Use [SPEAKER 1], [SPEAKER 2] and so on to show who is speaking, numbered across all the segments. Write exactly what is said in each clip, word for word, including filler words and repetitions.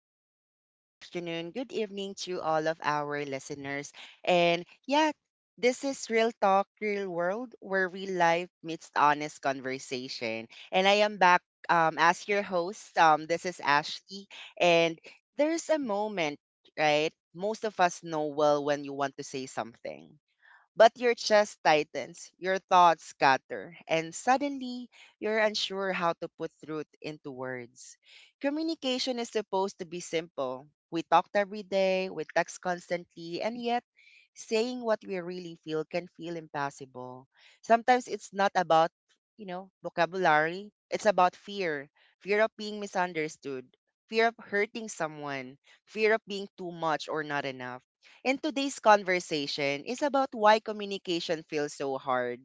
[SPEAKER 1] morning, good afternoon, good evening to all of our listeners. And yeah, this is Real Talk, Real World, where real life meets honest conversation. And I am back um, as your host. Um, this is Ashley. And there's a moment, right? Most of us know well when you want to say something. But your chest tightens, your thoughts scatter, and suddenly you're unsure how to put truth into words. Communication is supposed to be simple. We talked every day, we text constantly, and yet saying what we really feel can feel impossible. Sometimes it's not about, you know, vocabulary, it's about fear, fear of being misunderstood, fear of hurting someone, fear of being too much or not enough, and today's conversation is about why communication feels so hard,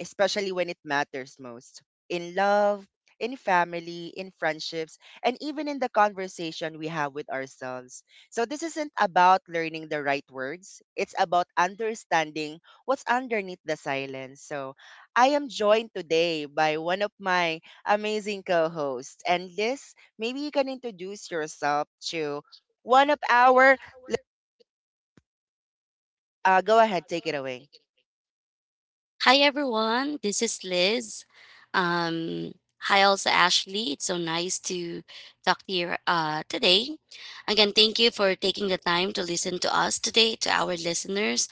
[SPEAKER 1] especially when it matters most, in love, in family, in friendships, and even in the conversation we have with ourselves. So, this isn't about learning the right words, it's about understanding what's underneath the silence. So, I am joined today by one of my amazing co hosts. And Liz, maybe you can introduce yourself to one of our uh, go ahead, take it away.
[SPEAKER 2] Hi everyone, this is Liz. Um, Hi also Ashley. It's so nice to talk to you uh, today. Again, thank you for taking the time to listen to us today, to our listeners.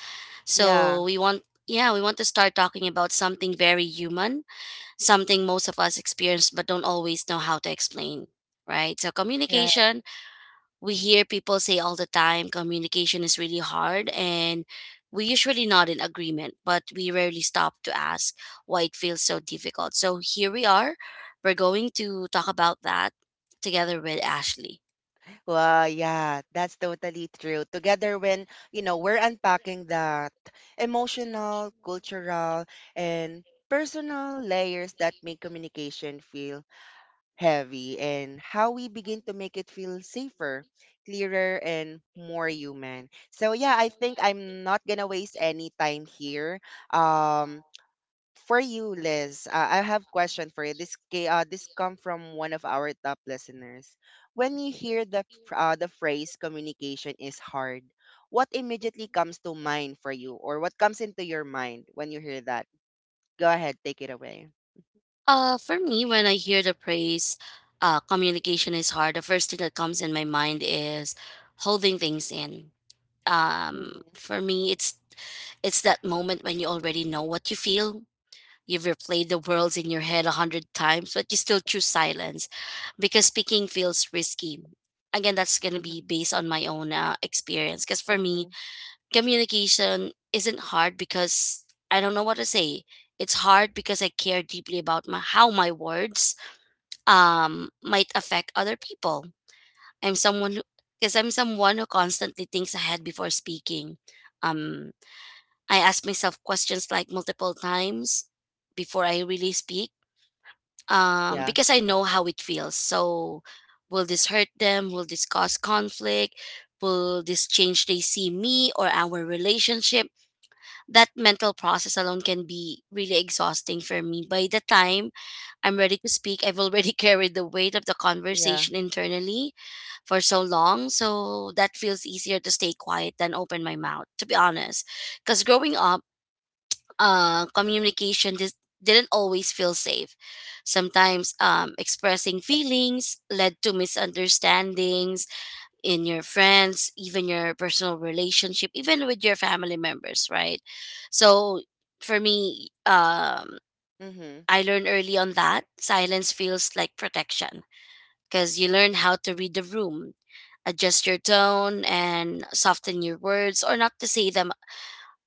[SPEAKER 1] Yeah,
[SPEAKER 2] So we want, yeah, we want to start talking about something very human, something most of us experience but don't always know how to explain, right? So
[SPEAKER 1] right.
[SPEAKER 2] communication we hear people say all the time communication is really hard, and we usually nod in agreement, but we rarely stop to ask why it feels so difficult. So here we are, we're going to talk about that together with Ashley.
[SPEAKER 1] Well, yeah, that's totally true. Together, when you know we're unpacking that emotional, cultural, and personal layers that make communication feel heavy, and how we begin to make it feel safer, clearer, and more human. So yeah, I think I'm not gonna waste any time here. Um, for you, Liz, uh, I have question for you. This ca- uh, this come from one of our top listeners. When you hear the ph- uh, the phrase communication is hard, what immediately comes to mind for you, or what comes into your mind when you hear that? Go ahead, take it away.
[SPEAKER 2] Uh for me, when I hear the phrase uh communication is hard, the first thing that comes in my mind is holding things in. Um
[SPEAKER 1] Mhm.
[SPEAKER 2] for me, it's it's that moment when you already know what you feel. You've replayed the worlds in your head a hundred times, but you still choose silence because speaking feels risky. Again, that's going to be
[SPEAKER 1] Mhm.
[SPEAKER 2] based on my own uh, experience. Because for me,
[SPEAKER 1] Mhm.
[SPEAKER 2] communication isn't hard because I don't know what to say. It's hard because I care deeply about my, how my words um, might affect other people. I'm someone who, because I'm someone who constantly thinks ahead before speaking. Um, I ask myself questions like multiple times before I really speak, um,
[SPEAKER 1] Yeah.
[SPEAKER 2] because I know how it feels. So, will this hurt them? Will this cause conflict? Will this change they see me or our relationship? That mental process alone can be really exhausting for me. By the time I'm ready to speak, I've already carried the weight of the
[SPEAKER 1] Yeah.
[SPEAKER 2] conversation internally for so long. So that feels easier to stay quiet than open my mouth, to be honest. Because growing up, uh, communication dis- didn't always feel safe. Sometimes um, expressing feelings led to misunderstandings in your friends, even your personal relationship, even with your family members, right? So for me, um,
[SPEAKER 1] Mhm.
[SPEAKER 2] I learned early on that silence feels like protection because you learn how to read the room, adjust your tone, and soften your words, or not to say them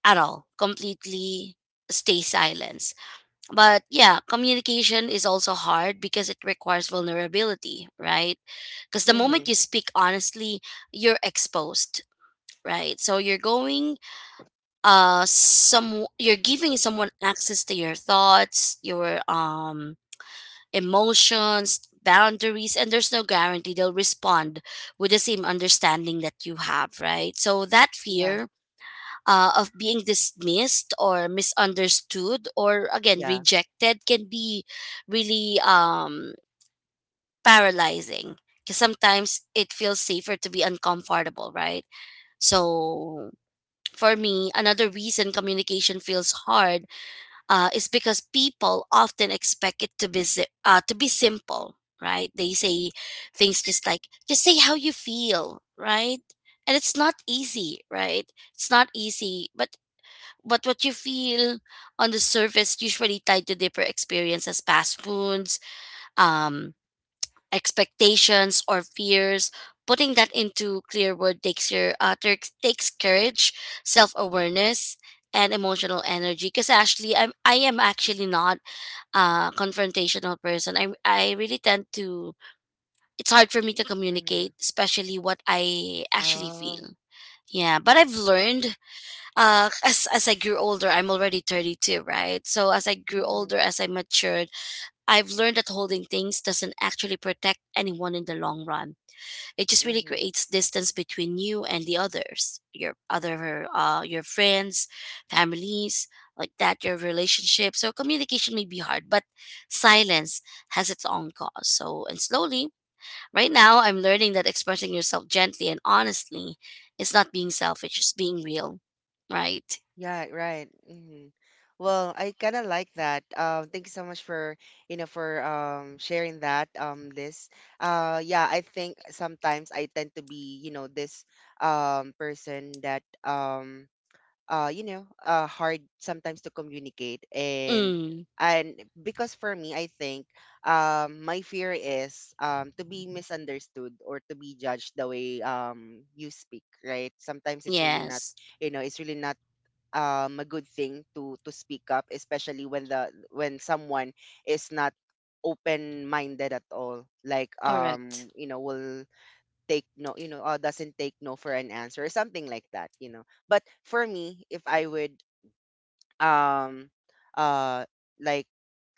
[SPEAKER 2] at all, completely stay silent. But yeah, communication is also hard because it requires vulnerability, right? Because the moment
[SPEAKER 1] Mhm.
[SPEAKER 2] you speak honestly, you're exposed, right? So you're going uh some you're giving someone access to your thoughts, your um emotions, boundaries, and there's no guarantee they'll respond with the same understanding that you have, right? So that
[SPEAKER 1] Yeah.
[SPEAKER 2] fear uh, of being dismissed or misunderstood or again
[SPEAKER 1] Yeah.
[SPEAKER 2] rejected can be really, um, paralyzing, because sometimes it feels safer to be uncomfortable, right? So for me, another reason communication feels hard uh, is because people often expect it to be si- uh, to be simple, right? They say things just like, just say how you feel, right? And it's not easy, right? It's not easy, but but what you feel on the surface usually tied to deeper experiences, past wounds, um, expectations, or fears. Putting that into clear word takes your uh, takes takes courage, self awareness, and emotional energy. Because actually, I'm I am
[SPEAKER 1] Mhm.
[SPEAKER 2] actually not a confrontational person. I I really tend to. It's hard for me to
[SPEAKER 1] Mhm.
[SPEAKER 2] communicate, especially what I actually
[SPEAKER 1] Oh.
[SPEAKER 2] feel. Yeah, but I've learned uh as as I grew older, I'm already thirty-two, right? So as I grew
[SPEAKER 1] Mhm.
[SPEAKER 2] older, as I matured, I've learned that holding things doesn't actually protect anyone in the long run. It just really
[SPEAKER 1] Mhm.
[SPEAKER 2] creates distance between you and the others, your other uh your friends, families, like that, your relationship. So communication may be hard, but silence has its own cause. So and slowly, right now I'm learning that expressing yourself gently and honestly is not being selfish, it's being real. Right.
[SPEAKER 1] Yeah, right. hmm Well, I kind of like that. Um, thank you so much for, you know, for um sharing that um Liz. Uh yeah, I think sometimes I tend to be, you know, this um person that um uh you know, uh hard sometimes to communicate and
[SPEAKER 2] Mm,
[SPEAKER 1] and because for me, I think um my fear is um to be misunderstood or to be judged the way um you speak, right? Sometimes it's really not
[SPEAKER 2] yes,
[SPEAKER 1] you know it's really not um a good thing to to speak up, especially when the when someone is not open minded at all, like
[SPEAKER 2] correct.
[SPEAKER 1] um you know will take no, you know, or doesn't take no for an answer or something like that, you know. But for me, if I would um uh like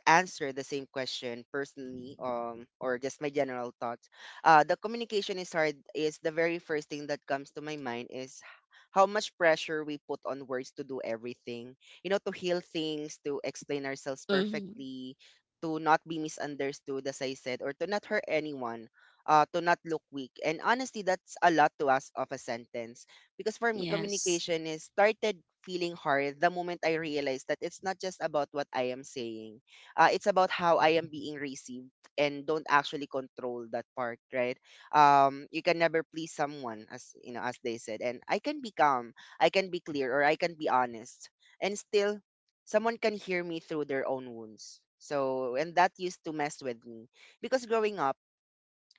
[SPEAKER 1] answer the same question personally, um, or just my general thoughts. Uh, the communication is hard is the very first thing that comes to my mind is how much pressure we put on words to do everything. You know, to heal things, to explain ourselves
[SPEAKER 2] Mm,
[SPEAKER 1] perfectly, to not be misunderstood, as I said, or to not hurt anyone. Uh, to not look weak. And honestly, that's a lot to ask of a sentence. Because for me,
[SPEAKER 2] yes,
[SPEAKER 1] communication is started feeling hard the moment I realized that it's not just about what I am saying. Uh, it's about how I am being received, and don't actually control that part, right? Um, you can never please someone, as you know, as they said. And I can be calm, I can be clear, or I can be honest, and still, someone can hear me through their own wounds. So, and that used to mess with me because growing up.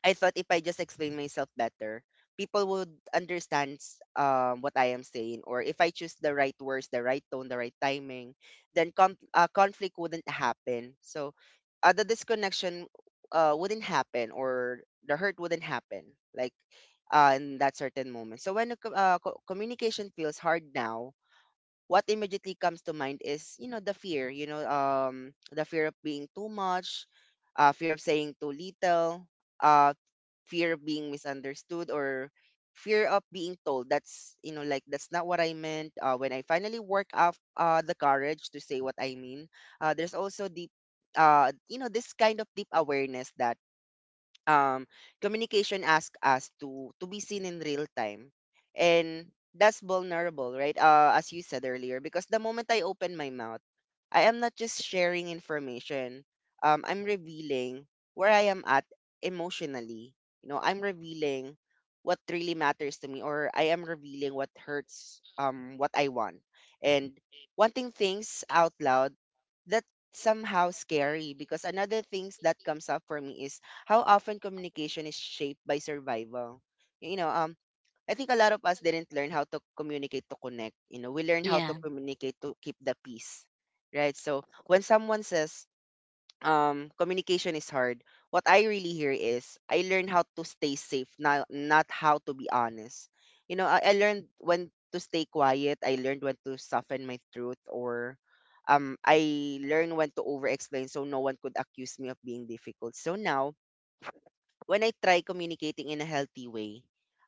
[SPEAKER 1] I thought if I just explain myself better, people would understand s- um, what I am saying. Or if I choose the right words, the right tone, the right timing, then com- uh, conflict wouldn't happen. So uh, the disconnection uh, wouldn't happen, or the hurt wouldn't happen, like uh, in that certain moment. So when the co- uh, co- communication feels hard now, what immediately comes to mind is, you know, the fear, you know, um, the fear of being too much, uh, fear of saying too little, uh, fear of being misunderstood, or fear of being told that's, you know, like that's not what I meant, uh, when I finally work up uh, the courage to say what I mean. Uh, there's also the uh, you know, this kind of deep awareness that um, communication asks us to to be seen in real time, and that's vulnerable, right? Uh, as you said earlier, because the moment I open my mouth, I am not just sharing information, um, I'm revealing where I am at emotionally. You know, I'm revealing what really matters to me, or I am revealing what hurts, um, what I want. And wanting things out loud, that somehow scary, because another things that comes up for me is how often communication is shaped by survival. You know, um, I think a lot of us didn't learn how to communicate to connect. You know, we learned how to
[SPEAKER 2] yeah.
[SPEAKER 1] communicate to keep the peace, right? So when someone says, um, communication is hard, what I really hear is, I learned how to stay safe, not, not how to be honest. You know, I, I learned when to stay quiet. I learned when to soften my truth, or um, I learned when to over explain so no one could accuse me of being difficult. So now when I try communicating in a healthy way,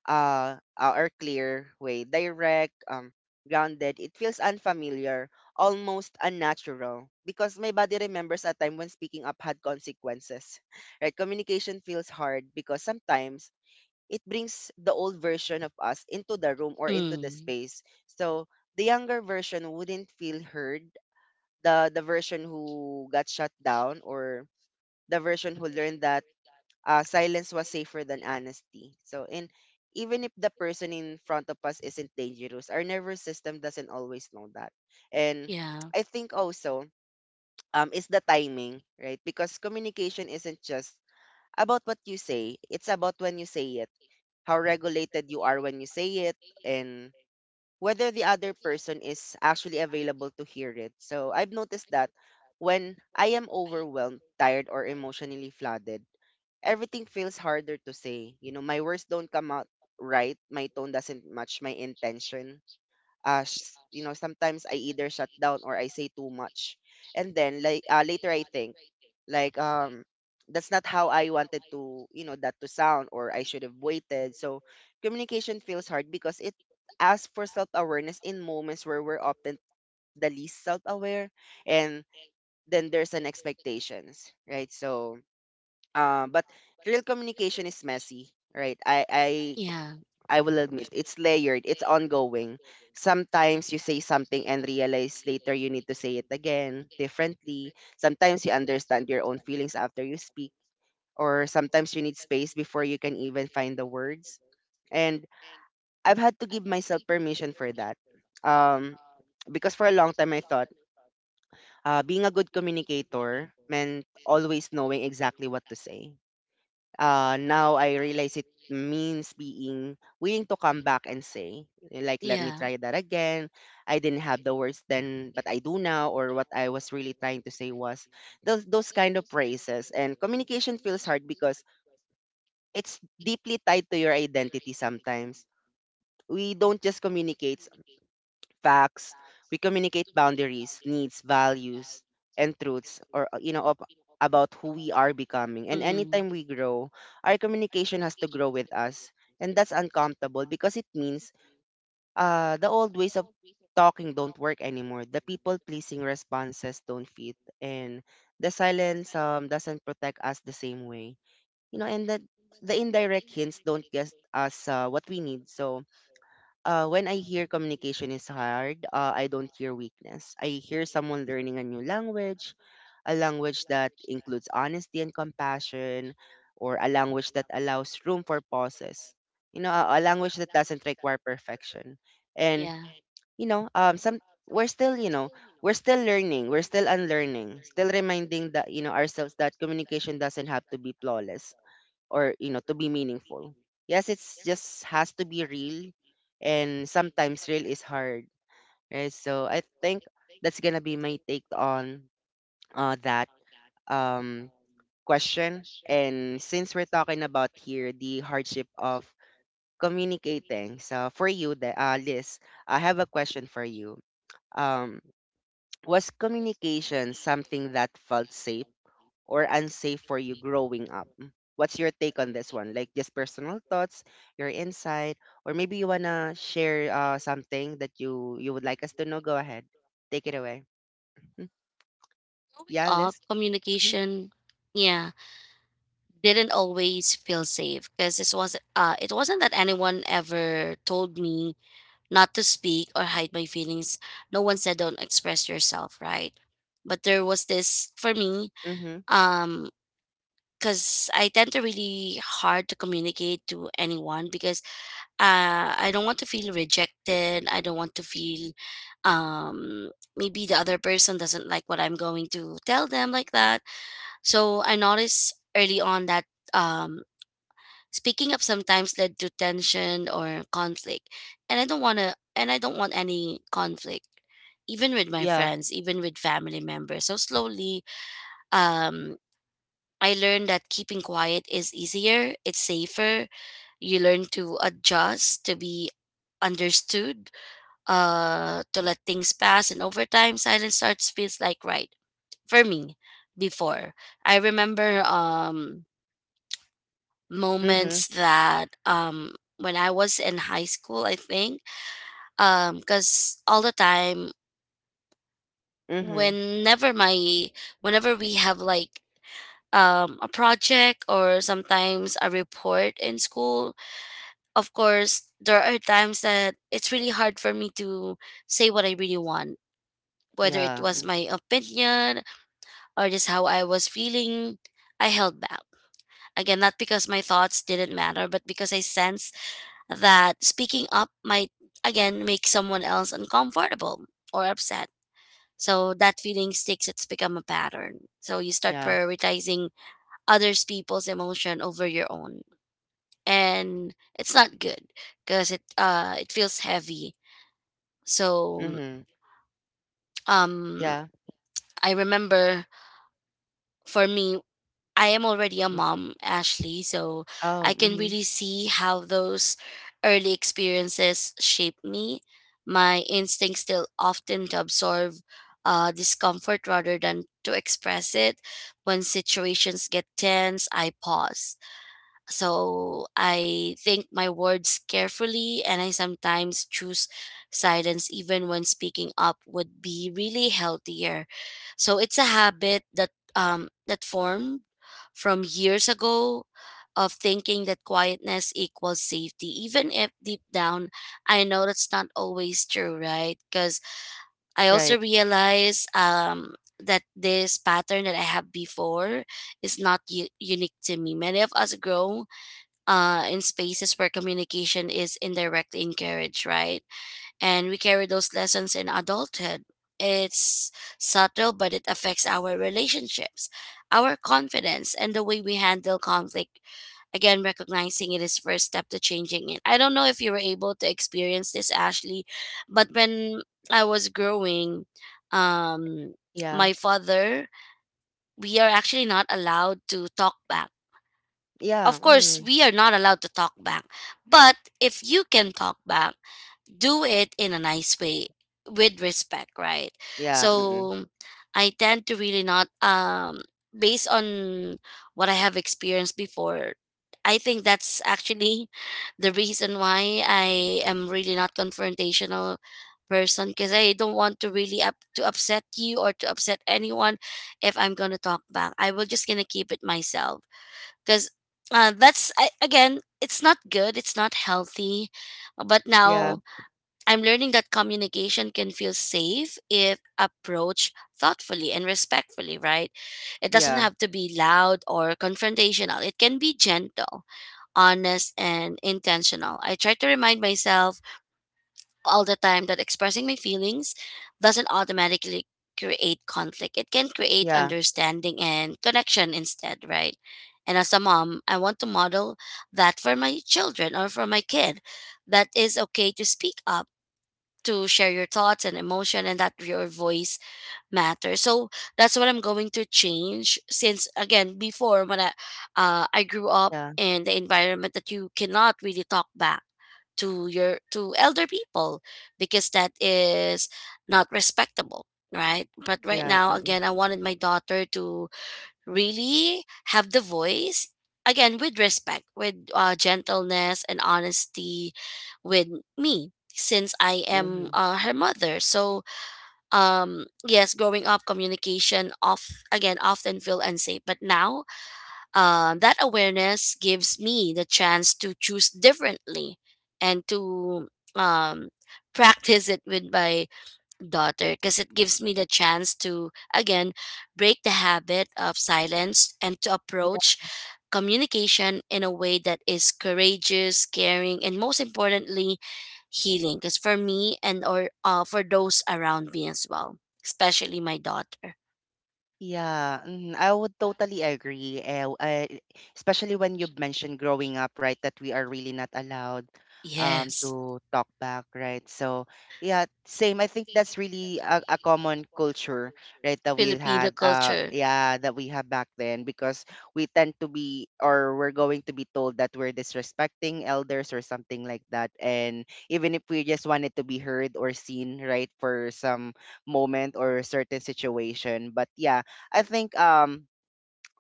[SPEAKER 1] uh, uh, or clear way, direct, um, grounded, it feels unfamiliar, almost unnatural, because my body remembers a time when speaking up had consequences. Right? Communication feels hard because sometimes it brings the old version of us into the room or into the
[SPEAKER 2] Mm,
[SPEAKER 1] space. So the younger version wouldn't feel heard. The the version who got shut down, or the version who learned that uh, silence was safer than honesty. So, and even if the person in front of us isn't dangerous, our nervous system doesn't always know that. And
[SPEAKER 2] yeah,
[SPEAKER 1] I think also um, is the timing, right? Because communication isn't just about what you say, it's about when you say it, how regulated you are when you say it, and whether the other person is actually available to hear it. So I've noticed that when I am overwhelmed, tired, or emotionally flooded, everything feels harder to say. You know, my words don't come out right. My tone doesn't match my intention. Uh, sh- you know, sometimes I either shut down or I say too much. And then like uh, later I think like um that's not how I wanted to, you know, that to sound, or I should have waited. So communication feels hard because it asks for self-awareness in moments where we're often the least self-aware, and then there's an expectations, right? So um, but real communication is messy, right? I I
[SPEAKER 2] yeah,
[SPEAKER 1] I will admit it's layered, it's ongoing. Sometimes you say something and realize later you need to say it again differently. Sometimes you understand your own feelings after you speak, or sometimes you need space before you can even find the words. And I've had to give myself permission for that. Um, because for a long time I thought uh, being a good communicator meant always knowing exactly what to say. Uh, now I realize it means being willing to come back and say, like, let me
[SPEAKER 2] yeah.
[SPEAKER 1] try that again. I didn't have the words then, but I do now. Or what I was really trying to say was those, those kind of praises. And communication feels hard because it's deeply tied to your identity sometimes. We don't just communicate facts. We communicate boundaries, needs, values, and truths, or uh, you know, of, about who we are becoming. And
[SPEAKER 2] Mm,
[SPEAKER 1] anytime we grow, our communication has to grow with us, and that's uncomfortable because it means uh, the old ways of talking don't work anymore. The people pleasing responses don't fit, and the silence um, doesn't protect us the same way. You know, and that the indirect hints don't get us uh, what we need. So uh, when I hear communication is hard, uh, I don't hear weakness. I hear someone learning a new language, a language that includes honesty and compassion, or a language that allows room for pauses. You know, a, a language that doesn't require perfection. And
[SPEAKER 2] yeah.
[SPEAKER 1] you know, um, some we're still, you know, we're still learning. We're still unlearning. Still reminding that you know ourselves that communication doesn't have to be flawless, or you know to be meaningful, yes it's just has to be real. And sometimes real is hard, right? So I think that's gonna be my take on uh, that um, question. And since we're talking about here the hardship of communicating, so for you the uh, Liz, I have a question for you. Um, was communication something that felt safe or unsafe for you growing up? What's your take on this one? Like just personal thoughts, your insight, or maybe you wanna share uh, something that you you would like us to know. Go ahead, take it away. Mm,
[SPEAKER 2] Growing
[SPEAKER 1] yeah,
[SPEAKER 2] up,
[SPEAKER 1] Liz. Mm-hmm.
[SPEAKER 2] communication, yeah, didn't always feel safe, because this was uh, it wasn't that anyone ever told me not to speak or hide my feelings. No one said don't express yourself, right? But there was this for me.
[SPEAKER 1] Mm-hmm.
[SPEAKER 2] Um, because I tend to really hard to communicate to anyone, because uh, I don't want to feel rejected. I don't want to feel, um, maybe the other person doesn't like what I'm going to tell them like that. So I noticed early on that, um, speaking up sometimes led to tension or conflict, and I don't want to, and I don't want any conflict even with my
[SPEAKER 1] Yeah.
[SPEAKER 2] friends, even with family members. So slowly um I learned that keeping quiet is easier, it's safer. You learn to adjust, to be understood, uh, to let things pass. And over time, silence starts feels like right for me. Before, I remember um,
[SPEAKER 1] Mm-hmm.
[SPEAKER 2] moments that um, when I was in high school, I think, because all the time,
[SPEAKER 1] Mm-hmm.
[SPEAKER 2] whenever my whenever we have like um, a project or sometimes a report in school, of course, there are times that it's really hard for me to say what I really want, whether it
[SPEAKER 1] Yeah.
[SPEAKER 2] was my opinion or just how I was feeling. I held back. Again, not because my thoughts didn't matter, but because I sense that speaking up might, again, make someone else uncomfortable or upset. So that feeling sticks, it's become a pattern. So you start
[SPEAKER 1] Yeah.
[SPEAKER 2] prioritizing others people's emotion over your own. And it's not good because it uh it feels heavy. So
[SPEAKER 1] Mm-hmm.
[SPEAKER 2] um
[SPEAKER 1] Yeah.
[SPEAKER 2] I remember, for me, I am already a
[SPEAKER 1] Mm.
[SPEAKER 2] mom, Ashley, so I
[SPEAKER 1] Oh.
[SPEAKER 2] can
[SPEAKER 1] Mm-hmm.
[SPEAKER 2] really see how those early experiences shape me. My instincts still often to absorb uh, discomfort rather than to express it. When situations get tense, I pause. So I think my words carefully, and I sometimes choose silence even when speaking up would be really healthier. So it's a habit that um that formed from years ago of thinking that quietness equals safety, even if deep down I know that's not always true, right? Because I also
[SPEAKER 1] Right.
[SPEAKER 2] realize um that this pattern that I have before is not u- unique to me. Many of us grow uh, in spaces where communication is indirectly encouraged, right? And we carry those lessons in adulthood. It's subtle, but it affects our relationships, our confidence, and the way we handle conflict. Again, recognizing it is first step to changing it. I don't know if you were able to experience this, Ashley, but when I was growing, um,
[SPEAKER 1] Yeah.
[SPEAKER 2] my father, we are actually not allowed to talk back.
[SPEAKER 1] Yeah.
[SPEAKER 2] Of course,
[SPEAKER 1] Mm.
[SPEAKER 2] we are not allowed to talk back. But if you can talk back, do it in a nice way with respect, right?
[SPEAKER 1] Yeah. Mm-mm.
[SPEAKER 2] So I tend to really not um based on what I have experienced before. I think that's actually the reason why I am really not confrontational person, because I don't want to really up to upset you or to upset anyone. If I'm gonna talk back, I will just gonna keep it myself, because uh, that's I, again, it's not good, it's not healthy. But
[SPEAKER 1] Yeah.
[SPEAKER 2] now I'm learning that communication can feel safe if approached thoughtfully and respectfully, right? It doesn't
[SPEAKER 1] Yeah.
[SPEAKER 2] have to be loud or confrontational, it can be gentle, honest and intentional. I try to remind myself all the time that expressing my feelings doesn't automatically create conflict. It can create
[SPEAKER 1] Yeah.
[SPEAKER 2] understanding and connection instead, right? And as a mom, I want to model that for my children or for my kid. That is okay to speak up, to share your thoughts and emotion, and that your voice matter. So that's what I'm going to change, since again, before, when I uh, I grew up
[SPEAKER 1] Yeah.
[SPEAKER 2] in the environment that you cannot really talk back to your to elder people, because that is not respectable, right? But right
[SPEAKER 1] Yeah.
[SPEAKER 2] now,
[SPEAKER 1] Mm-mm.
[SPEAKER 2] again, I wanted my daughter to really have the voice, again with respect, with uh, gentleness and honesty with me, since I am
[SPEAKER 1] Mm-hmm.
[SPEAKER 2] uh, her mother. So um yes, growing up, communication of again often feel unsafe, but now uh, that awareness gives me the chance to choose differently and to um practice it with my daughter, because it gives me the chance to again break the habit of silence and to approach communication in a way that is courageous, caring, and most importantly, healing, because for me and or uh, for those around me as well, especially my daughter.
[SPEAKER 1] Yeah, mhm, I would totally agree. Eh, w- eh, especially when you've mentioned growing up, right, that we are really not allowed um,
[SPEAKER 2] Yes.
[SPEAKER 1] to talk back, right? So, yeah, same. I think that's really a, a common culture, right, that we've
[SPEAKER 2] Filipino
[SPEAKER 1] had, uh,
[SPEAKER 2] culture.
[SPEAKER 1] yeah, that we have back then because we tend to be, or we're going to be told that we're disrespecting elders or something like that. And even if we just wanted to be heard or seen, right, for some moment or certain situation, but yeah, I think um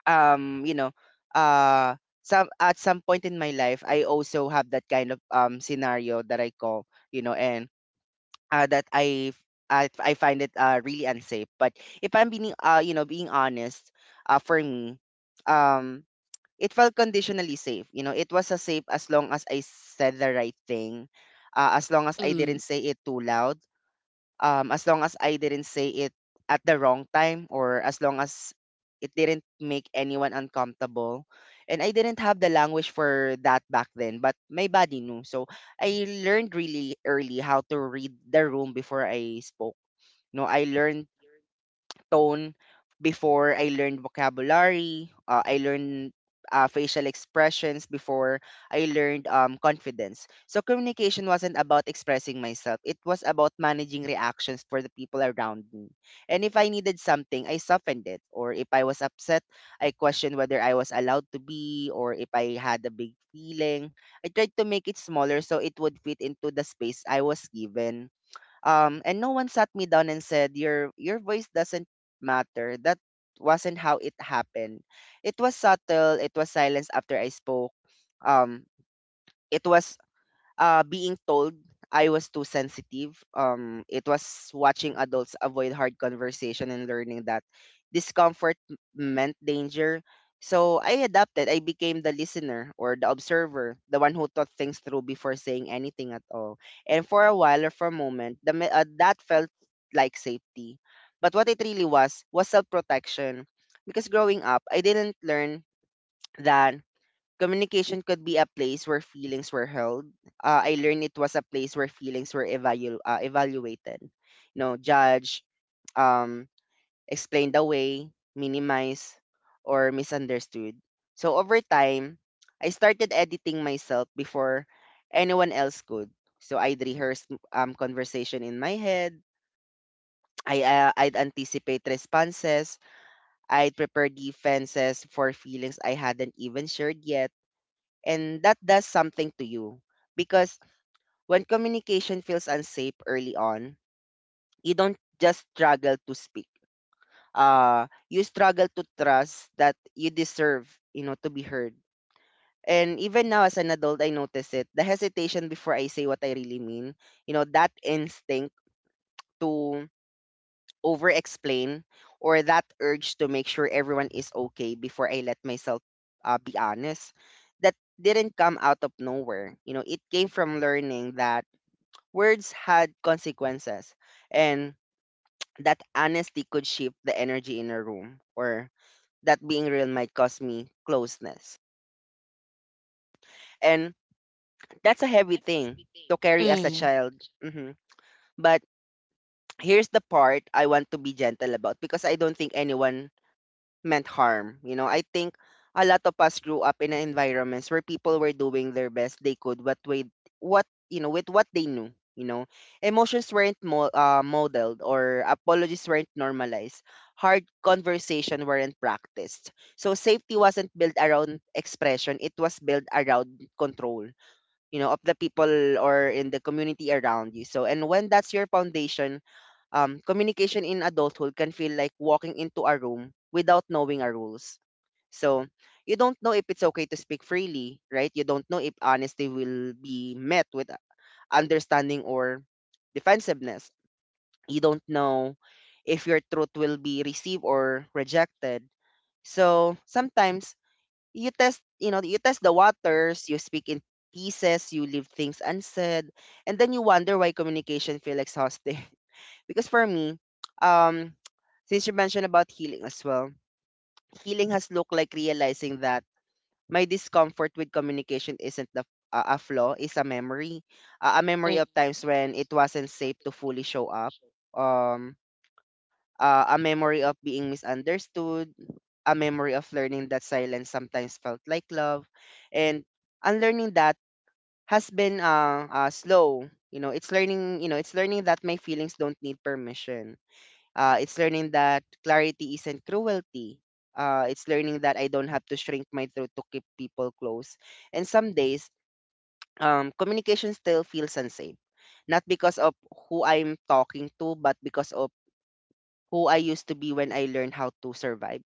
[SPEAKER 1] um you know uh some at some point in my life I also have that kind of um scenario that I call you know and uh, that I f- I, I find it uh, really unsafe. But if I'm being uh you know being honest, uh, for me, um it felt conditionally safe. You know, it was as safe as long as I said the right thing, uh, as long as I
[SPEAKER 2] Mm,
[SPEAKER 1] didn't say it too loud, um, as long as I didn't say it at the wrong time, or as long as it didn't make anyone uncomfortable. And I didn't have the language for that back then, but my body knew. So I learned really early how to read the room before I spoke. No, I learned tone before I learned vocabulary. Uh, I learned uh, facial expressions before I learned um, confidence. So communication wasn't about expressing myself. It was about managing reactions for the people around me. And if I needed something, I softened it. Or if I was upset, I questioned whether I was allowed to be, or if I had a big feeling. I tried to make it smaller so it would fit into the space I was given. Um and no one sat me down and said your your voice doesn't matter. That wasn't how it happened. It was subtle. It was silence after I spoke. um it was uh, being told I was too sensitive. Um, it was watching adults avoid hard conversation and learning that discomfort m- meant danger. So I adapted. I became the listener or the observer, the one who thought things through before saying anything at all. And for a while, or for a moment, the, me- uh, that felt like safety. But what it really was was self protection. Because growing up, I didn't learn that communication could be a place where feelings were held. Uh, I learned it was a place where feelings were evalu- uh, evaluated. You know, judged, um, explained away, minimized, or misunderstood. So over time, I started editing myself before anyone else could. So I'd rehearse um, conversation in my head. I, uh, I'd anticipate responses. I'd prepare defenses for feelings I hadn't even shared yet, and that does something to you. Because when communication feels unsafe early on, you don't just struggle to speak, uh you struggle to trust that you deserve, you know, to be heard. And even now as an adult, I notice it, the hesitation before I say what I really mean, you know, that instinct to over explain, or that urge to make sure everyone is okay before I let myself uh, be honest. That didn't come out of nowhere. You know, it came from learning that words had consequences, and that honesty could shift the energy in a room, or that being real might cause me closeness. And that's a heavy thing to carry as a
[SPEAKER 2] mm,
[SPEAKER 1] child. Hmm. But here's the part I want to be gentle about, because I don't think anyone meant harm. You know, I think a lot of us grew up in environments where people were doing their best they could what with what you know with what they knew. You know, emotions weren't mo- uh, modeled, or apologies weren't normalized. Hard conversation weren't practiced. So safety wasn't built around expression. It was built around control. You know, of the people or in the community around you. So, and when that's your foundation, um, communication in adulthood can feel like walking into a room without knowing our rules. So you don't know if it's okay to speak freely, right? You don't know if honesty will be met with understanding or defensiveness. You don't know if your truth will be received or rejected. So sometimes you test, you know, you test the waters, you speak in pieces, you leave things unsaid, and then you wonder why communication feels exhausting. Because for me, um, since you mentioned about healing as well, healing has looked like realizing that my discomfort with communication isn't the, uh, a flaw, it's a memory. Uh, a memory
[SPEAKER 2] mm.
[SPEAKER 1] of times when it wasn't safe to fully show up. Um, uh, a memory of being misunderstood. A memory of learning that silence sometimes felt like love. And unlearning that has been uh, uh slow. You know, it's learning, you know, it's learning that my feelings don't need permission. Uh, it's learning that clarity isn't cruelty. Uh, it's learning that I don't have to shrink my throat to keep people close. And some days, um, communication still feels unsafe, not because of who I'm talking to, but because of who I used to be when I learned how to survive.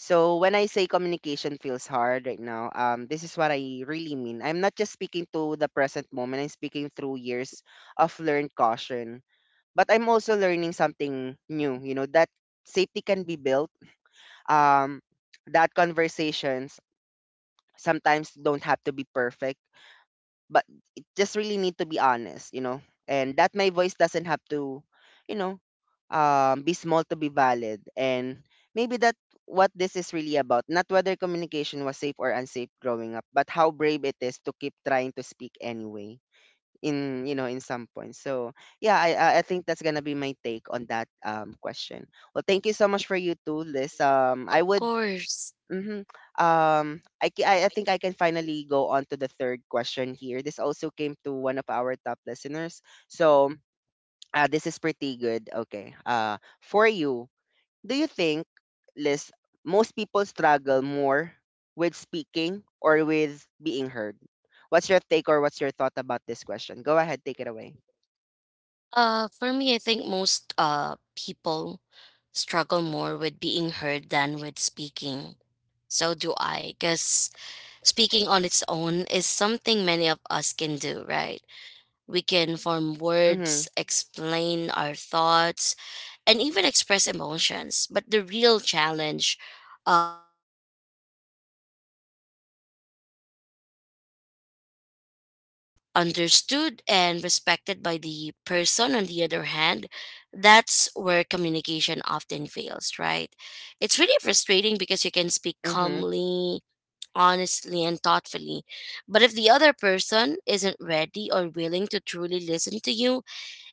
[SPEAKER 1] So when I say communication feels hard right now, um, this is what I really mean. I'm not just speaking to the present moment. I'm speaking through years of learned caution, but I'm also learning something new, you know, that safety can be built. Um, that conversations sometimes don't have to be perfect, but it just really need to be honest, you know, and that my voice doesn't have to, you know, um, be small to be valid. And maybe that what this is really about, not whether communication was safe or unsafe growing up, but how brave it is to keep trying to speak anyway in, you know in some points. So yeah, i i I think that's gonna be my take on that um question. Well, thank you so much for you too, Liz. um I
[SPEAKER 2] Of
[SPEAKER 1] would.
[SPEAKER 2] course.
[SPEAKER 1] Mhm. Um, I, ca- I i think I can finally go on to the third question here. This also came to one of our top listeners. So, uh, this is pretty good. Okay, uh, for you, do you think, Liz, most people struggle more with speaking or with being heard? What's your take, or what's your thought about this question? Go ahead, take it away.
[SPEAKER 2] Uh, for me, I think most uh people struggle more with being heard than with speaking. So do I, because speaking on its own is something many of us can do, right? We can form
[SPEAKER 1] Mhm.
[SPEAKER 2] words, explain our thoughts, and even express emotions. But the real challenge uh, comes after we have spoken, whether what we're saying is actually received, understood, and respected by the person on the other hand. That's where communication often fails, right? It's really frustrating because you can speak
[SPEAKER 1] Mhm.
[SPEAKER 2] calmly, honestly, and thoughtfully, but if the other person isn't ready or willing to truly listen to you,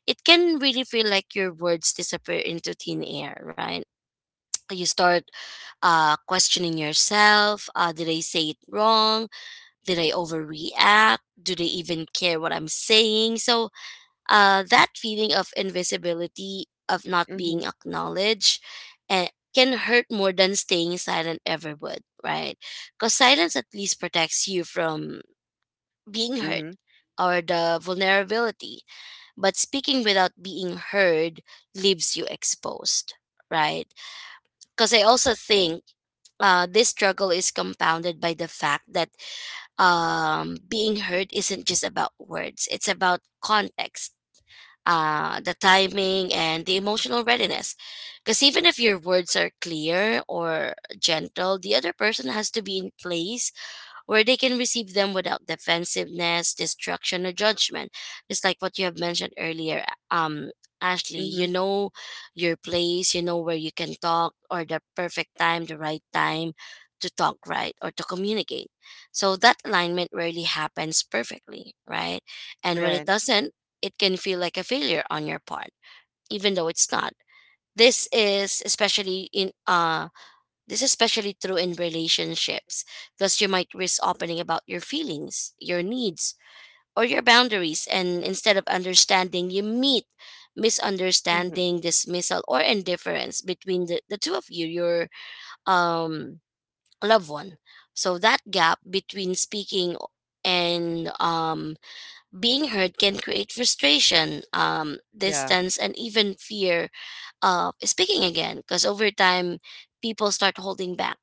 [SPEAKER 2] it can really feel like your words disappear into thin air, right? You start uh, questioning yourself. Uh, did I say it wrong? Did I overreact? Do they even care what I'm saying? So, uh, that feeling of invisibility, of not
[SPEAKER 1] Mhm.
[SPEAKER 2] being acknowledged, eh, can hurt more than staying silent ever would, right? Because silence at least protects you from being hurt
[SPEAKER 1] Mhm.
[SPEAKER 2] or the vulnerability. But speaking without being heard leaves you exposed, right? Because I also think uh, this struggle is compounded by the fact that um, being heard isn't just about words, it's about context, uh, the timing, and the emotional readiness. Because even if your words are clear or gentle, the other person has to be in place where they can receive them without defensiveness, destruction, or judgment. Just like what you have mentioned earlier, um, Ashley, you
[SPEAKER 1] Mhm.
[SPEAKER 2] know your place, you know where you can talk, or the perfect time, the right time to talk, right, or to communicate. So that alignment rarely happens perfectly, right? And when it
[SPEAKER 1] Right.
[SPEAKER 2] doesn't, it can feel like a failure on your part, even though it's not. This is especially in uh this is especially true in relationships, because you might risk opening about your feelings, your needs, or your boundaries, and instead of understanding, you meet
[SPEAKER 1] Mhm.
[SPEAKER 2] misunderstanding, dismissal, or indifference between the, the two of you, your um, loved one. So that gap between speaking and um, being heard can create frustration, um,
[SPEAKER 1] Yeah.
[SPEAKER 2] distance, and even fear of speaking again. Because over time, people start holding back,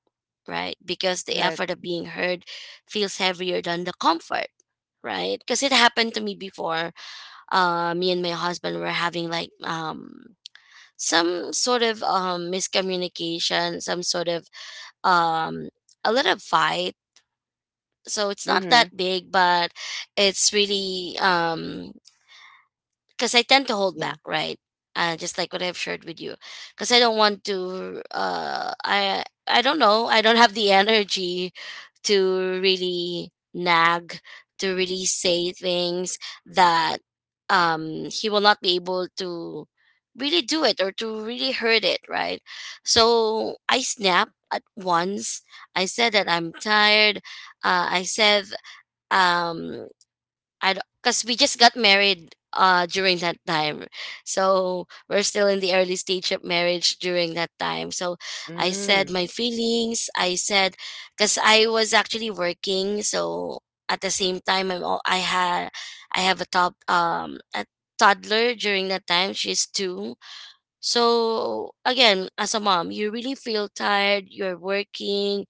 [SPEAKER 2] right? Because the
[SPEAKER 1] Right.
[SPEAKER 2] effort of being heard feels heavier than the comfort, right? Because it happened to me before. Uh, me and my husband were having like um, some sort of um, miscommunication, some sort of um, a little fight. So it's not
[SPEAKER 1] Mhm.
[SPEAKER 2] that big, but it's really um because I tend to hold
[SPEAKER 1] Yeah.
[SPEAKER 2] back, right? Uh, just like what I've shared with you, because I don't want to. Uh, I I don't know. I don't have the energy to really nag, to really say things that um he will not be able to really do it or to really hurt it, right? So I snap at once. I said that I'm tired. Uh, I said um I because we just got married uh during that time, so we're still in the early stage of marriage during that time, so I said
[SPEAKER 1] Mm.
[SPEAKER 2] my feelings. I said Because I was actually working, so at the same time I'm, al- i had i have a top um a toddler during that time. She's two. So again, as a mom, you really feel tired. You're working,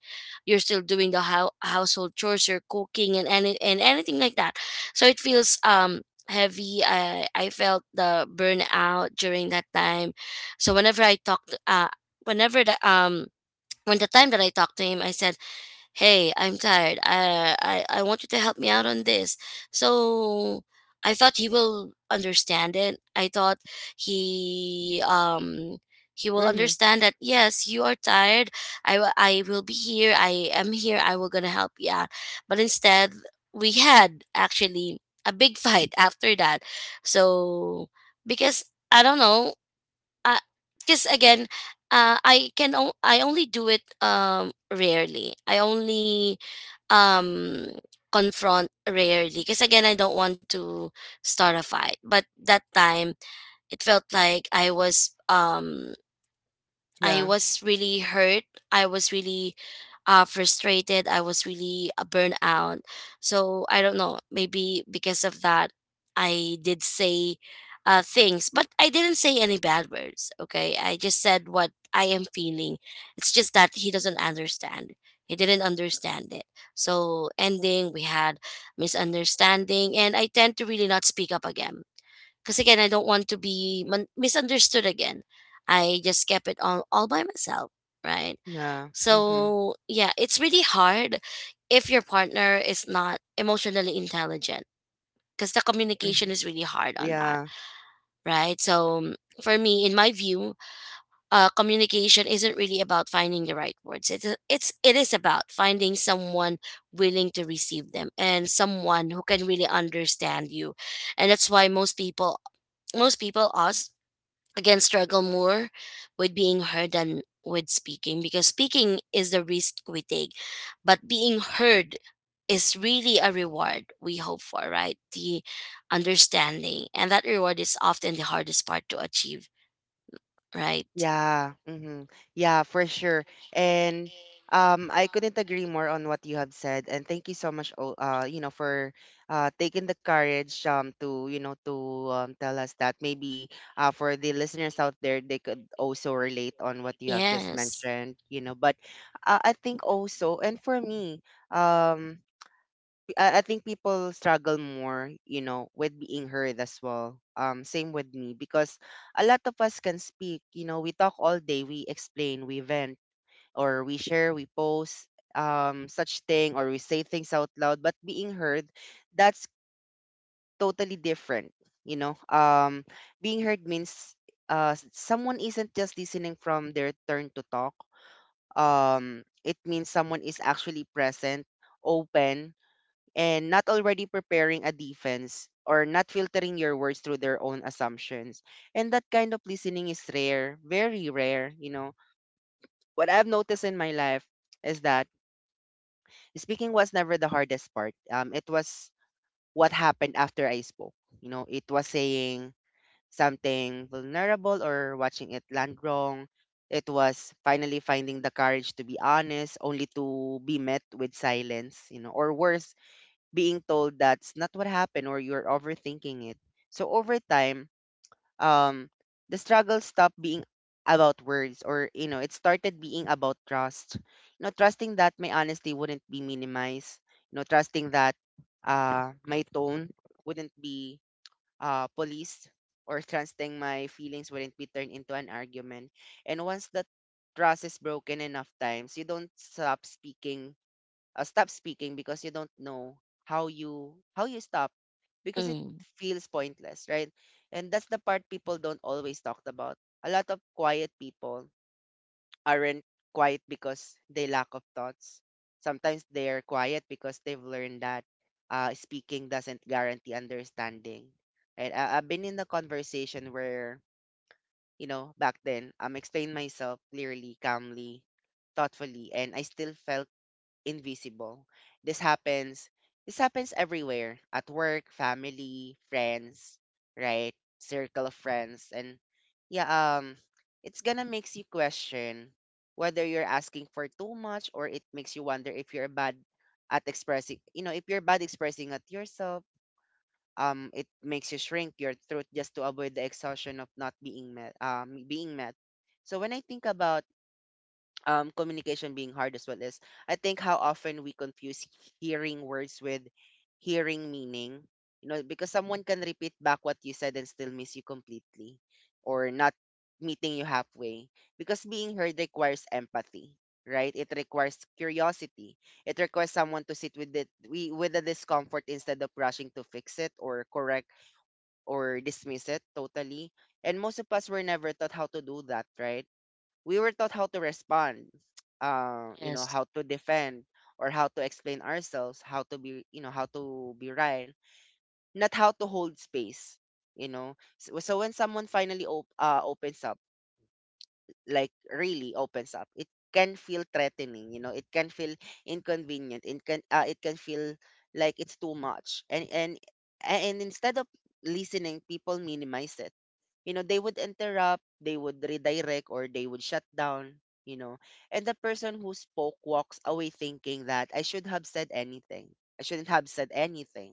[SPEAKER 2] you're still doing the hou- household chores, you're cooking, and any and anything like that. So it feels um heavy. I I felt the burnout during that time. So whenever I talked, uh, whenever the um when the time that I talked to him, I said, hey, I'm tired. I, I I want you to help me out on this, so I thought he will understand it. I thought he um He will
[SPEAKER 1] Mhm.
[SPEAKER 2] understand that, yes, you are tired. i w- I will be here, I am here, I will gonna help you out. But instead, we had actually a big fight after that, so because I don't know, because again, uh, i can o- I only do it um rarely. I only um Confront rarely, because again I don't want to start a fight. But that time, it felt like i was um I
[SPEAKER 1] Yeah.
[SPEAKER 2] was really hurt. I was really uh, frustrated. I was really uh, burned out. So I don't know. Maybe because of that, I did say uh, things, but I didn't say any bad words. Okay. I just said what I am feeling. It's just that he doesn't understand. He didn't understand it. So, ending, we had misunderstanding, and I tend to really not speak up again, because again I don't want to be mon- misunderstood again. I just kept it all, all by myself, right?
[SPEAKER 1] Yeah. Mhm.
[SPEAKER 2] So yeah, it's really hard if your partner is not emotionally intelligent, because the communication
[SPEAKER 1] Mhm.
[SPEAKER 2] is really hard on that,
[SPEAKER 1] Yeah.
[SPEAKER 2] right? So mm, for me, in my view, uh, communication isn't really about finding the right words. It's, it's it is about finding someone willing to receive them and someone who can really understand you. And that's why most people most people us again struggle more with being heard than with speaking, because speaking is the risk we take, but being heard is really a reward we hope for, right? The understanding, and that reward is often the hardest part to achieve, right?
[SPEAKER 1] Yeah. Hmm. Yeah, for sure. And um, I couldn't agree more on what you have said. And thank you so much, o- uh, you know, for uh, taking the courage um to you know to um, tell us that maybe uh, for the listeners out there they could also relate on what you have just
[SPEAKER 2] Yes.
[SPEAKER 1] mentioned. You know, but uh, I think also, and for me, um, I, I think people struggle more, you know, with being heard as well. Um, same with me because a lot of us can speak. You know, we talk all day, we explain, we vent, or we share, we post um such thing, or we say things out loud. But being heard, that's totally different. You know, um, being heard means uh s- someone isn't just listening from their turn to talk. Um, it means someone is actually present, open, and not already preparing a defense, or not filtering your words through their own assumptions. And that kind of listening is rare, very rare, you know. What I've noticed in my life is that speaking was never the hardest part. Um, it was what happened after I spoke. You know, it was saying something vulnerable or watching it land wrong. It was finally finding the courage to be honest, only to be met with silence, you know, or worse, being told that's not what happened, or you're overthinking it. So over time, um, the struggle stopped being about words. Or you know it started being about trust. you know trusting that my honesty wouldn't be minimized. you know trusting that uh my tone wouldn't be uh policed, or trusting my feelings wouldn't be turned into an argument. And once that trust is broken enough times, you don't stop speaking, uh, stop speaking because you don't know how you how you stop because it
[SPEAKER 2] Mm.
[SPEAKER 1] feels pointless, right? And that's the part people don't always talk about. A lot of quiet people aren't quiet because they lack of thoughts. Sometimes they're quiet because they've learned that uh, speaking doesn't guarantee understanding. Right? I- I've been in a conversation where, you know back then, I'm explaining myself clearly, calmly, thoughtfully, and I still felt invisible. This happens this happens everywhere: at work, family, friends, right? Circle of friends. And yeah, um it's gonna makes you question whether you're asking for too much, or it makes you wonder if you're bad at expressing, you know, if you're bad expressing it yourself. Um it makes you shrink your truth just to avoid the exhaustion of not being met, um being met. So when I think about um, communication being hard as well is, I think, how often we confuse hearing words with hearing meaning. You know, because someone can repeat back what you said and still miss you completely, or not meeting you halfway. Because being heard requires empathy, right? It requires curiosity. It requires someone to sit with it we with the discomfort instead of rushing to fix it, or correct, or dismiss it totally. And most of us were never taught how to do that, right? We were taught how to respond, uh, you know,
[SPEAKER 2] Yes,
[SPEAKER 1] how to defend, or how to explain ourselves, how to be, you know, how to be right, not how to hold space, you know. So, so when someone finally op- uh, opens up, like really opens up, it can feel threatening, you know, It can feel inconvenient. It can, uh, it can feel like it's too much. And and and instead of listening, people minimize it. You know they would interrupt, they would redirect, or they would shut down you know and the person who spoke walks away thinking that I should have said anything. I shouldn't have said anything.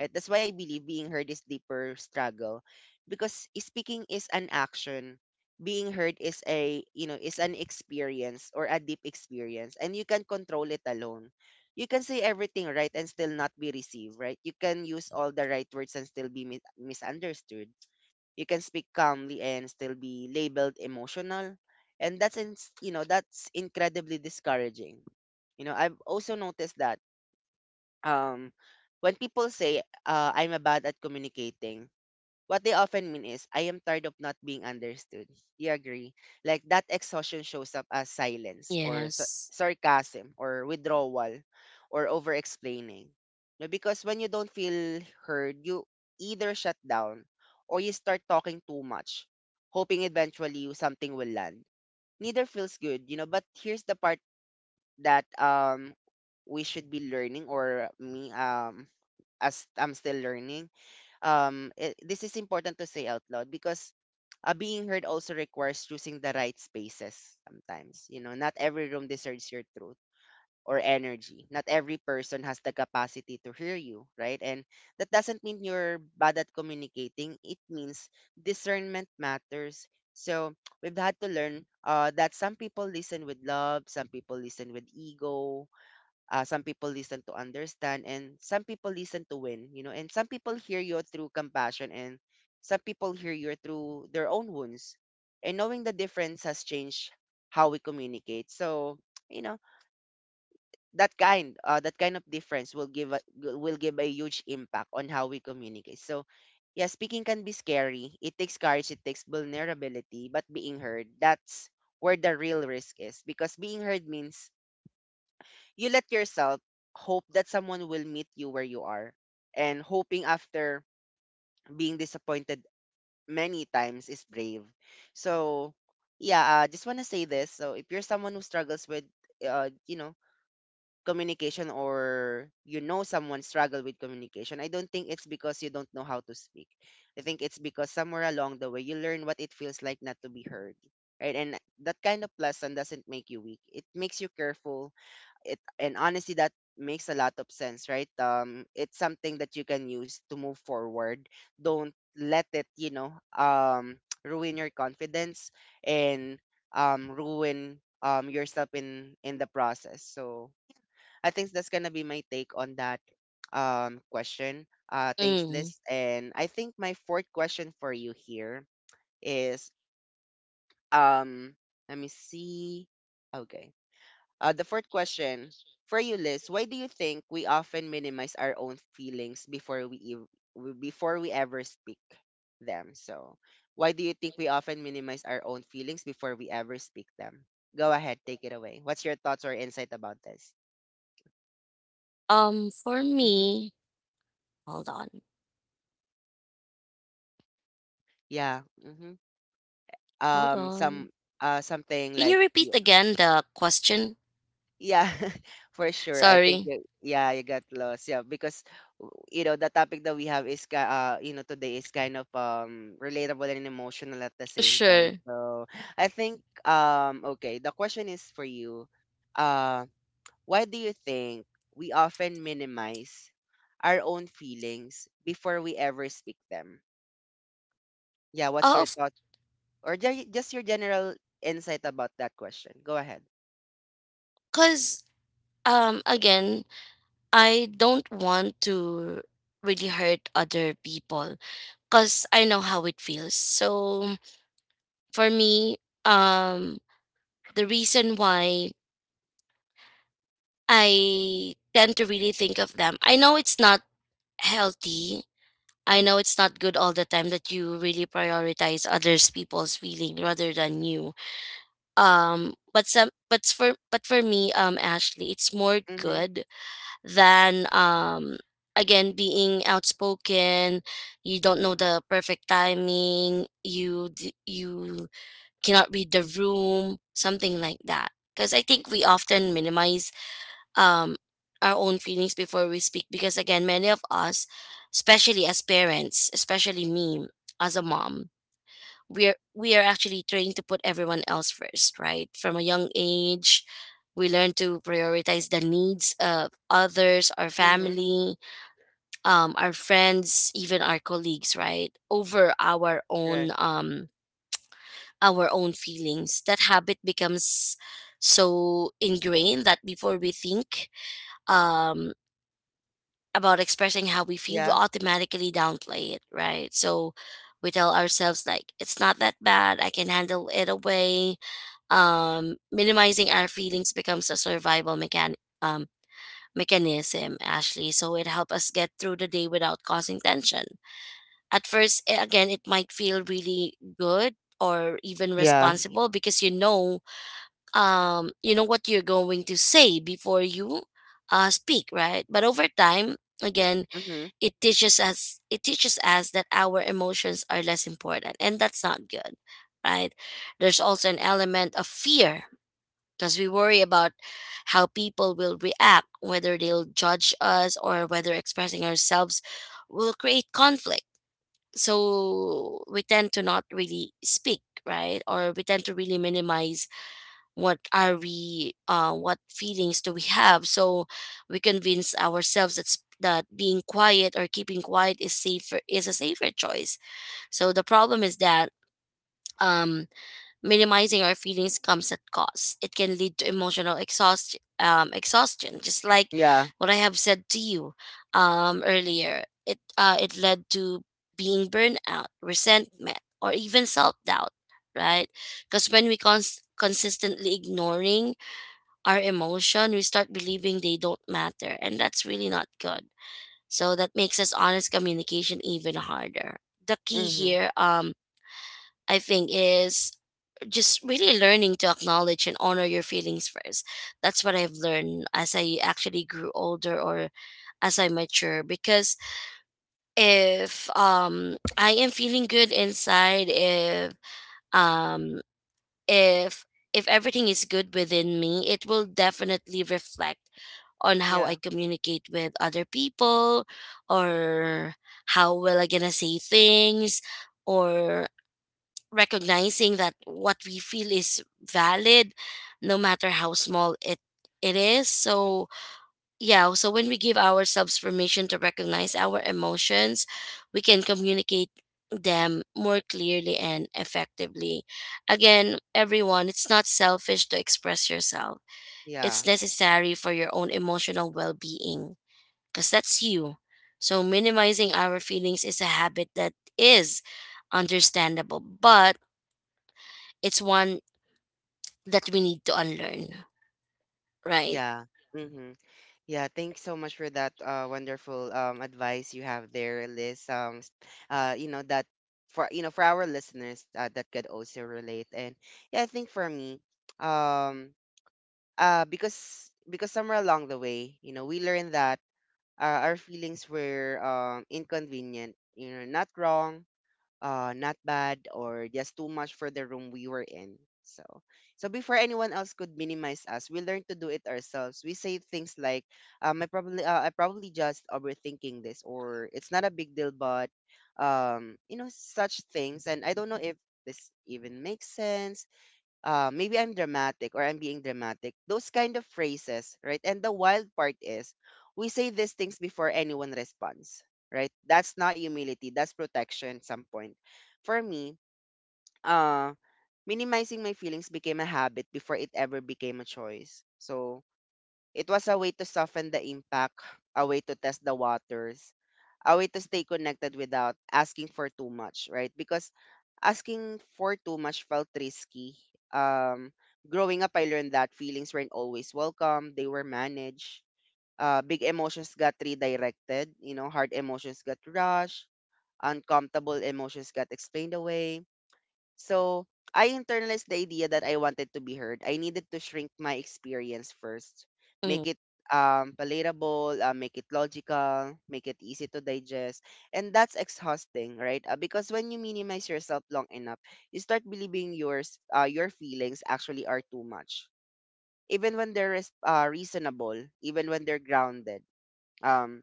[SPEAKER 1] Right? That's why I believe being heard is deeper struggle, because speaking is an action. Being heard is a you know is an experience, or a deep experience, and you can control it alone. You can say everything right and still not be received. Right? You can use all the right words and still be mi- misunderstood. You can speak calmly and still be labeled emotional. And that's in, you know that's incredibly discouraging. You know, I've also noticed that um when people say, uh, I'm bad at communicating, what they often mean is, I am tired of not being understood. You agree? Like that exhaustion shows up as silence, or sar-
[SPEAKER 2] yes.
[SPEAKER 1] sarcasm, or withdrawal, or over explaining. No, because when you don't feel heard, you either shut down, or you start talking too much, hoping eventually you- something will land. Neither feels good, you know, but here's the part that um we should be learning, or me, um as I'm still learning. Um it, this is important to say out loud because, uh, being heard also requires choosing the right spaces sometimes. You know not every room deserves your truth or energy. Not every person has the capacity to hear you, right? And that doesn't mean you're bad at communicating. It means discernment matters. So, we've had to learn uh, that some people listen with love, some people listen with ego, uh, some people listen to understand, and some people listen to win. You know, and some people hear you through compassion, and some people hear you through their own wounds. And knowing the difference has changed how we communicate. So, you know, that kind, uh, that kind of difference will give a, will give a huge impact on how we communicate. So, yeah, speaking can be scary. It takes courage, it takes vulnerability, but being heard, that's where the real risk is, because being heard means you let yourself hope that someone will meet you where you are. And hoping after being disappointed many times is brave. So, yeah, I just want to say this. So, if you're someone who struggles with, uh, you know, communication, or you know someone struggle with communication, I don't think it's because you don't know how to speak. I think it's because somewhere along the way you learn what it feels like not to be heard. Right? And that kind of lesson doesn't make you weak. It makes you careful, it and honestly, that makes a lot of sense, right? Um it's something that you can use to move forward. Don't let it, you know um ruin your confidence and um ruin um yourself in in the process. So I think that's gonna be my take on that um question. Uh thanks,
[SPEAKER 2] Mm.
[SPEAKER 1] Liz. And I think my fourth question for you here is, um let me see, okay, uh, the fourth question for you, Liz: why do you think we often minimize our own feelings before we ev- w- before we ever speak them? So, why do you think we often minimize our own feelings before we ever speak them? Go ahead, take it away. What's your thoughts or insight about this?
[SPEAKER 2] Um for
[SPEAKER 1] Hmm.
[SPEAKER 2] me, hold on.
[SPEAKER 1] Yeah. Hmm.
[SPEAKER 2] Hold
[SPEAKER 1] Um. Some.
[SPEAKER 2] on,
[SPEAKER 1] Uh. Something
[SPEAKER 2] can you
[SPEAKER 1] like.
[SPEAKER 2] repeat again the question?
[SPEAKER 1] Yeah, for sure. I think
[SPEAKER 2] Sorry.
[SPEAKER 1] you, yeah, you got lost. Yeah, because w- you know the topic that we have is ki- uh you know today is kind of um relatable and emotional at the same time.
[SPEAKER 2] Sure.
[SPEAKER 1] So I think, um okay, the question is for you. Uh, why do you think we often minimize our own feelings before we ever speak them? Yeah, what's
[SPEAKER 2] Oh,
[SPEAKER 1] your
[SPEAKER 2] of
[SPEAKER 1] thought, or ju- just your general insight about that question? Go ahead.
[SPEAKER 2] course. Um again, I don't want to really hurt other people, because I know how it feels. So for me, um the reason why I tend to really think of them, I know it's not healthy, I know it's not good all the time that you really prioritize others people's feeling rather than you. um but some but for but for me um Ashley, it's more
[SPEAKER 1] Mhm.
[SPEAKER 2] good than um again being outspoken. You don't know the perfect timing, you d- you cannot read the room, something like that. Because I think we often minimize um our own feelings before we speak, because again many of us, especially as parents, especially me as a mom, we're we are actually trained to put everyone else first, right from a young age. We learn to prioritize the needs of others, our
[SPEAKER 1] Mhm.
[SPEAKER 2] family, um, our friends, even our colleagues, right, over our own
[SPEAKER 1] Right.
[SPEAKER 2] um, our own feelings. That habit becomes so ingrained that before we think um, about expressing how we feel, we
[SPEAKER 1] Yeah.
[SPEAKER 2] automatically downplay it, right? So we tell ourselves, like, it's not that bad, I can handle it away. Um, minimizing our feelings becomes a survival mechan- um, mechanism, Ashley. So it helps us get through the day without causing tension. At first, eh, again, it might feel really good or even
[SPEAKER 1] Yeah.
[SPEAKER 2] responsible, because you know, um, you know what you're going to say before you uh, speak, right? But over time, again,
[SPEAKER 1] Mm-hmm.
[SPEAKER 2] it teaches us it teaches us that our emotions are less important, and that's not good, right? There's also an element of fear, because we worry about how people will react, whether they'll judge us, or whether expressing ourselves will create conflict. So we tend to not really speak, right? Or we tend to really minimize what are we, uh, what feelings do we have? So we convince ourselves that s- that being quiet or keeping quiet is safer, is a safer choice. So the problem is that um minimizing our feelings comes at cost. It can lead to emotional exhaust, um, exhaustion, just like
[SPEAKER 1] Yeah.
[SPEAKER 2] what I have said to you um, earlier. It uh, it led to being burnout, resentment, or even self doubt, right? Because when we cons- consistently ignoring our emotion, we start believing they don't matter, and that's really not good. So that makes us honest communication even harder. The key
[SPEAKER 1] Mm-hmm.
[SPEAKER 2] here, um, I think, is just really learning to acknowledge and honor your feelings first. That's what I've learned as I actually grew older or as I mature. Because if um I am feeling good inside, if um if if everything is good within me, it will definitely reflect on how I
[SPEAKER 1] Yeah.
[SPEAKER 2] communicate with other people,
[SPEAKER 1] Mm-hmm.
[SPEAKER 2] or how well I gonna say things, or recognizing that what we feel is valid, no matter how small it it is. So yeah, so when we give ourselves permission to recognize our emotions, we can communicate them more clearly and effectively. Again, everyone, it's not selfish to express yourself,
[SPEAKER 1] Yeah.
[SPEAKER 2] it's necessary for your own emotional well-being, because that's you. So minimizing our feelings is a habit that is understandable, but it's one that we need to unlearn, right?
[SPEAKER 1] Yeah. Mm-hmm. Yeah. Thanks so much for that uh wonderful um advice you have there, Liz. Um, s- uh, you know that for you know for our listeners, uh, that could also relate. And yeah, I think for me, um, uh, because because somewhere along the way, you know, we learned that uh, our feelings were um inconvenient. You know, not wrong, uh not bad, or just too much for the room we were in. So so before anyone else could minimize us, we learned to do it ourselves. We say things like, um i probably uh, i probably just overthinking this, or it's not a big deal, but um you know such things. And I don't know if this even makes sense. Uh, maybe I'm dramatic, or I'm being dramatic. Those kind of phrases, right? And the wild part is, we say these things before anyone responds, right? That's not humility, that's protection at some point. For me, uh, minimizing my feelings became a habit before it ever became a choice. So it was a way to soften the impact, a way to test the waters, a way to stay connected without asking for too much, right? Because asking for too much felt risky. Um, growing up, I learned that feelings weren't always welcome, they were managed. Uh, big emotions got redirected, you know, hard emotions got rushed, uncomfortable emotions got explained away. So I internalized the idea that I wanted to be heard. I needed to shrink my experience first,
[SPEAKER 2] Mm.
[SPEAKER 1] make it um, palatable, uh, make it logical, make it easy to digest. And that's exhausting, right? Uh, because when you minimize yourself long enough, you start believing yours, uh, your feelings actually are too much. Even when they're res- uh, reasonable, even when they're grounded, um,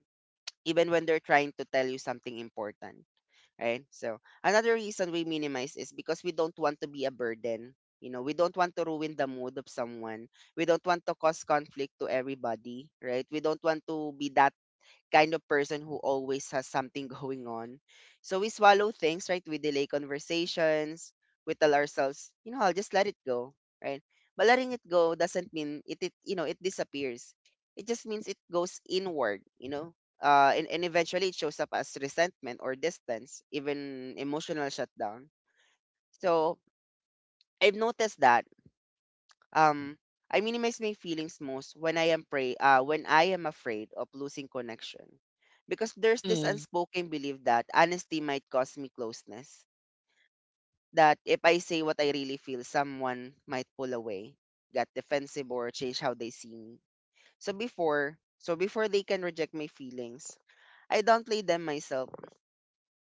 [SPEAKER 1] even when they're trying to tell you something important, right? So another reason we minimize is because we don't want to be a burden. You know, we don't want to ruin the mood of someone. We don't want to cause conflict to everybody, right? We don't want to be that kind of person who always has something going on. So we swallow things, right? We delay conversations. We tell ourselves, you know, I'll just let it go, right? But letting it go doesn't mean it, it you know, it disappears. It just means it goes inward. you know, uh, and, and eventually it shows up as resentment or distance, even emotional shutdown. So I've noticed that um, I minimize my feelings most when I am pray uh, when I am afraid of losing connection. Because there's this
[SPEAKER 2] Mm.
[SPEAKER 1] unspoken belief that honesty might cause me closeness. That if I say what I really feel, someone might pull away, get defensive, or change how they see me. So before, so before they can reject my feelings, I downplay them myself,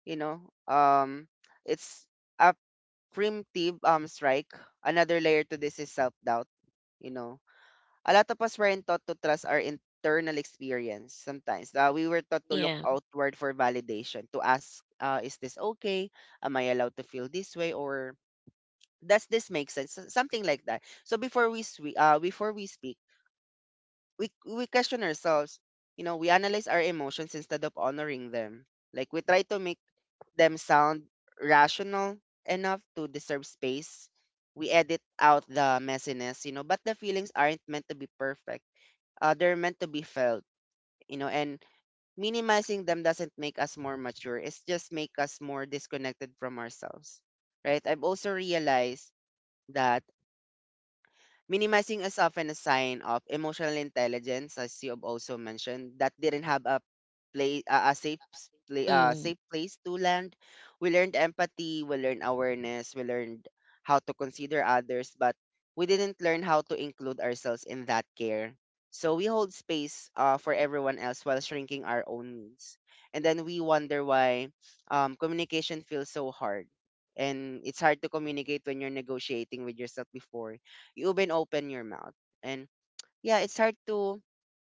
[SPEAKER 1] you know. Um it's a primitive um strike. Another layer to this is self doubt. you know a lot of us weren't taught to trust our internal experience sometimes. Uh, we were taught to look
[SPEAKER 2] Yeah.
[SPEAKER 1] outward for validation, to ask, uh, is this okay? Am I allowed to feel this way? Or does this make sense? S- Something like that. So before we swe- uh, before we speak, we we question ourselves. You know, we analyze our emotions instead of honoring them. Like we try to make them sound rational enough to deserve space. We edit out the messiness, you know, but the feelings aren't meant to be perfect, uh, they're meant to be felt, you know. And minimizing them doesn't make us more mature, it's just make us more disconnected from ourselves. Right, I've also realized that minimizing is often a sign of emotional intelligence, as you have also mentioned, that didn't have a play uh, a safe s- play uh,
[SPEAKER 2] Mm.
[SPEAKER 1] safe place to land. We learned empathy, we learned awareness, we learned how to consider others, but we didn't learn how to include ourselves in that care. So we hold space uh, for everyone else while shrinking our own needs, and then we wonder why um, communication feels so hard. And it's hard to communicate when you're negotiating with yourself before you even open your mouth. And yeah, it's hard to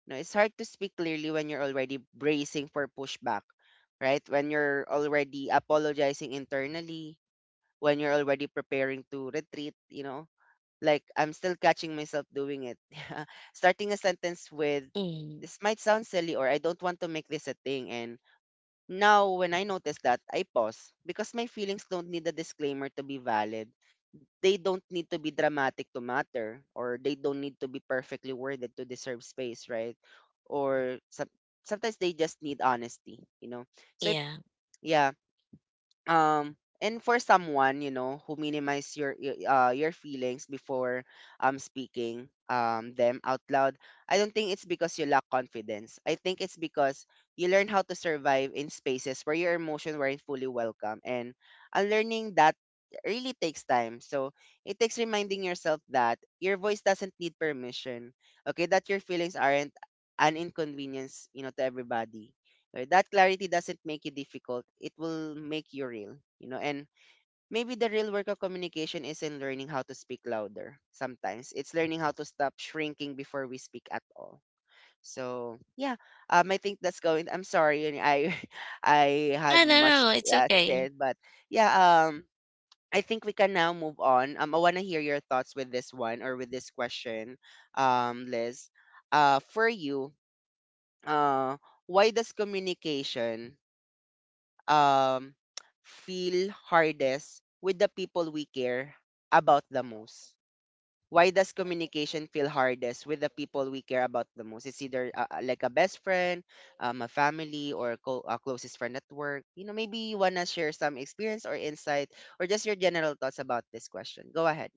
[SPEAKER 1] no, it's hard to speak clearly when you're already bracing for pushback, right? When you're already apologizing internally, when you're already preparing to retreat, you know. Like I'm still catching myself doing it. Starting a sentence with,
[SPEAKER 2] Mm.
[SPEAKER 1] this might sound silly, or I don't want to make this a thing, and now when I notice that, I pause, because my feelings don't need a disclaimer to be valid. They don't need to be dramatic to matter, or they don't need to be perfectly worded to deserve space, right? Or some sometimes they just need honesty, you know. so if-
[SPEAKER 2] Yeah.
[SPEAKER 1] yeah. um and for someone, you know, who minimize your your, uh, your feelings before um speaking um them out loud, I don't think it's because you lack confidence. I think it's because you learn how to survive in spaces where your emotions weren't fully welcome, and unlearning that really takes time. So it takes reminding yourself that your voice doesn't need permission. Okay, that your feelings aren't an inconvenience, you know, to everybody. Right? That clarity doesn't make you difficult. It will make you real, you know. And maybe the real work of communication isn't learning how to speak louder. Sometimes it's learning how to stop shrinking before we speak at all. So yeah, um, I think that's going. I'm sorry, and I I had
[SPEAKER 2] I don't
[SPEAKER 1] much
[SPEAKER 2] know. It's
[SPEAKER 1] uh,
[SPEAKER 2] okay.
[SPEAKER 1] said, but yeah, um, I think we can now move on. Um, I wanna hear your thoughts with this one, or with this question, um, Liz. Uh, for you, uh, why does communication, um, feel hardest with the people we care about the most? Why does communication feel hardest with the people we care about the most? It's either, uh, uh, like a best friend, um, a family, or a, co- a closest friend at work. You know, maybe you wanna share some experience or insight, or just your general thoughts about this question. Go ahead.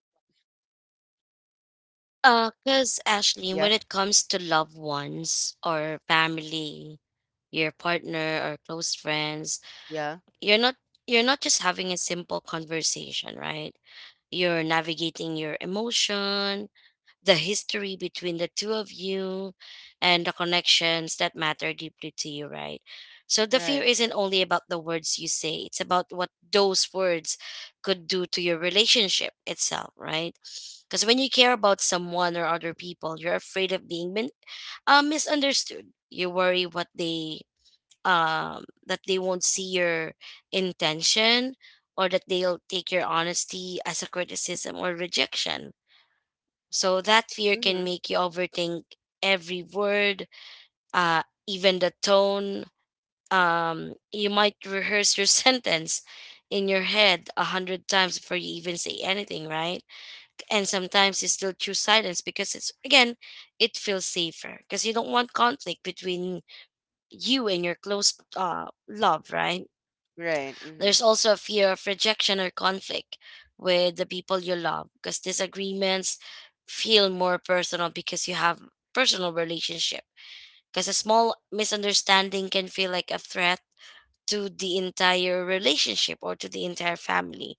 [SPEAKER 2] Uh, cause Ashley,
[SPEAKER 1] Yeah.
[SPEAKER 2] when it comes to loved ones or family, your partner or close friends,
[SPEAKER 1] Yeah.
[SPEAKER 2] you're not you're not just having a simple conversation, right? You're navigating your emotion, the history between the two of you, and the connections that matter deeply to you, right? So the fear
[SPEAKER 1] Right.
[SPEAKER 2] isn't only about the words you say, it's about what those words could do to your relationship itself, right? Because when you care about someone or other people, you're afraid of being min- uh, misunderstood. You worry what they um that they won't see your intention, or that they'll take your honesty as a criticism or rejection. So that fear can
[SPEAKER 1] Mm-hmm.
[SPEAKER 2] make you overthink every word, uh, even the tone. Um, you might rehearse your sentence in your head a hundred times before you even say anything, right? And sometimes you still choose silence because it's again, it feels safer because you don't want conflict between you and your close uh, love, right?
[SPEAKER 1] Right. Mm-hmm.
[SPEAKER 2] There's also a fear of rejection or conflict with the people you love because disagreements feel more personal because you have personal relationship. Because a small misunderstanding can feel like a threat to the entire relationship or to the entire family.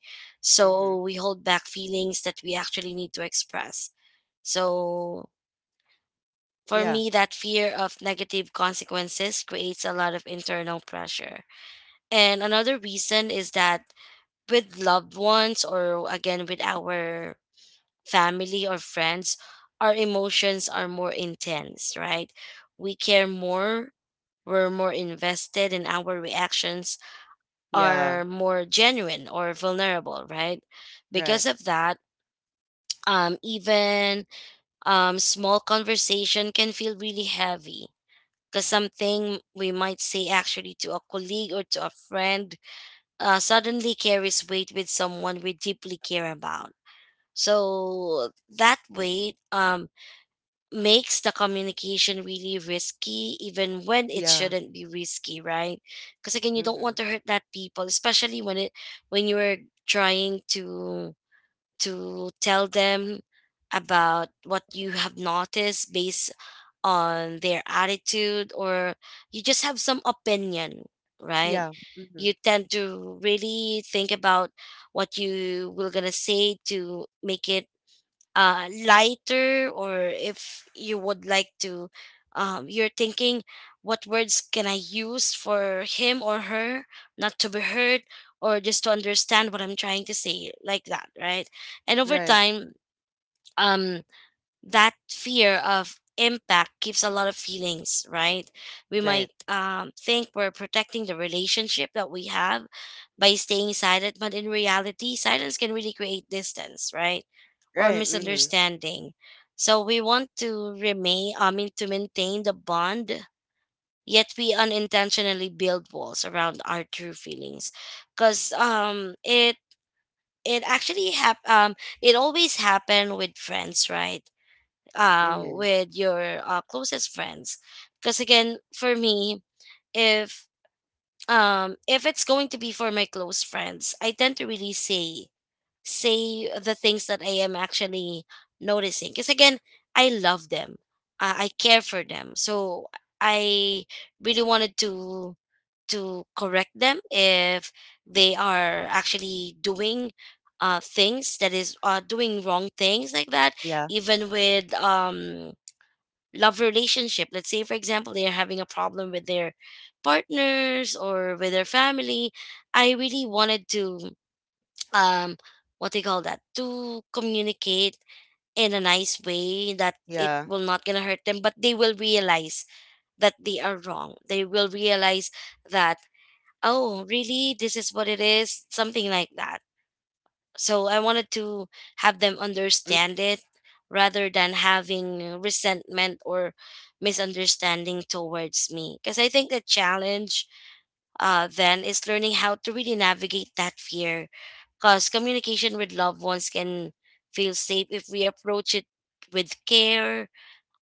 [SPEAKER 1] Mm-hmm.
[SPEAKER 2] So we hold back feelings that we actually need to express. So for
[SPEAKER 1] Yeah.
[SPEAKER 2] me, that fear of negative consequences creates a lot of internal pressure. And another reason is that with loved ones or again with our family or friends, our emotions are more intense, right? We care more, we're more invested, and our reactions
[SPEAKER 1] Yeah.
[SPEAKER 2] are more genuine or vulnerable, right?
[SPEAKER 1] Right.
[SPEAKER 2] Because of that, um, even um, small conversation can feel really heavy. Because something we might say actually to a colleague or to a friend uh, suddenly carries weight with someone we deeply care about. So that way um, makes the communication really risky, even when it
[SPEAKER 1] Yeah.
[SPEAKER 2] shouldn't be risky, right? Because again, you don't
[SPEAKER 1] Mm-hmm.
[SPEAKER 2] want to hurt that people, especially when it when you're trying to to tell them about what you have noticed based on their attitude or you just have some opinion, right?
[SPEAKER 1] Yeah. Mm-hmm.
[SPEAKER 2] You tend to really think about what you were gonna say to make it uh, lighter, or if you would like to, um, you're thinking what words can I use for him or her not to be heard or just to understand what I'm trying to say, like that, right? And over
[SPEAKER 1] Right.
[SPEAKER 2] time, um that fear of impact gives a lot of feelings, right? We
[SPEAKER 1] Right.
[SPEAKER 2] might um, think we're protecting the relationship that we have by staying silent, but in reality silence can really create distance, right? Or
[SPEAKER 1] Right. Mm-hmm.
[SPEAKER 2] misunderstanding. So we want to remain, I mean, to maintain the bond, yet we unintentionally build walls around our true feelings. Because um it it actually hap- um it always happen with friends, right? Uh,
[SPEAKER 1] Mm-hmm.
[SPEAKER 2] with your uh, closest friends. Because again, for me, if, um if it's going to be for my close friends, I tend to really say say the things that I am actually noticing, because again, I love them, uh, I care for them. So I really wanted to to correct them if they are actually doing uh, things that is uh, doing wrong things, like that.
[SPEAKER 1] Yeah.
[SPEAKER 2] Even with um love relationship. Let's say, for example, they are having a problem with their partners or with their family. I really wanted to, um, what they call that, to communicate in a nice way that it
[SPEAKER 1] Yeah.
[SPEAKER 2] will not gonna hurt them, but they will realize that they are wrong. They will realize that, oh, really, this is what it is, something like that. So I wanted to have them
[SPEAKER 1] Mm.
[SPEAKER 2] understand it, rather than having resentment or misunderstanding towards me. Because I think the challenge uh, then is learning how to really navigate that fear. Because communication with loved ones can feel safe if we approach it with care,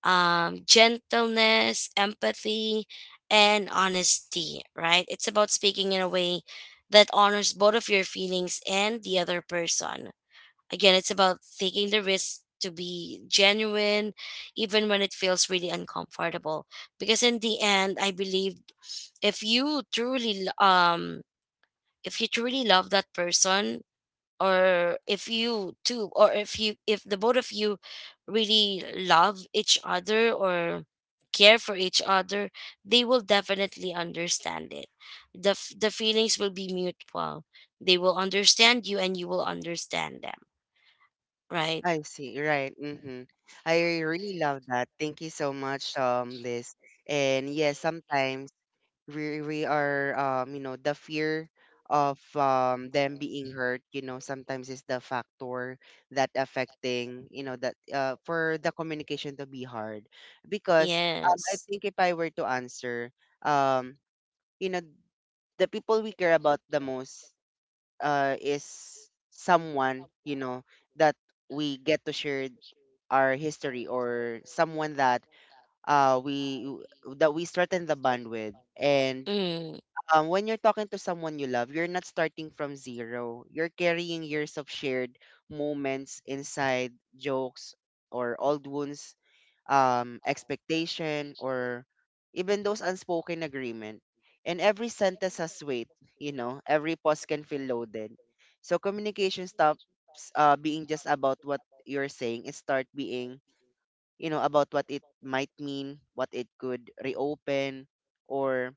[SPEAKER 2] um, gentleness, empathy, and honesty, right? It's about speaking in a way that honors both of your feelings and the other person. Again, it's about taking the risk to be genuine, even when it feels really uncomfortable. Because in the end, I believe if you truly, lo- um, if you truly love that person, or if you two, or if you, if the both of you really love each other or care for each other, they will definitely understand it. The, f- the feelings will be mutual. They will understand you and you will understand them, right?
[SPEAKER 1] I see. Right. Mm-hmm. I really love that. Thank you so much, um, Liz. And yes, sometimes we we are, um, you know, the fear of, um, them being hurt, you know, sometimes is the factor that affecting, you know, that uh for the communication to be hard. Because um I
[SPEAKER 2] Yes.
[SPEAKER 1] think if I were to answer, um, you know, the people we care about the most uh, is someone, you know, that we get to share our history, or someone that uh, we that we strengthen the bond with. And
[SPEAKER 2] Mm.
[SPEAKER 1] um, when you're talking to someone you love, you're not starting from zero. You're carrying years of shared moments, inside jokes, or old wounds, um, expectation, or even those unspoken agreement. And every sentence has weight, you know, every pause can feel loaded. So communication stops uh, being just about what you're saying. It start being, you know, about what it might mean, what it could reopen, or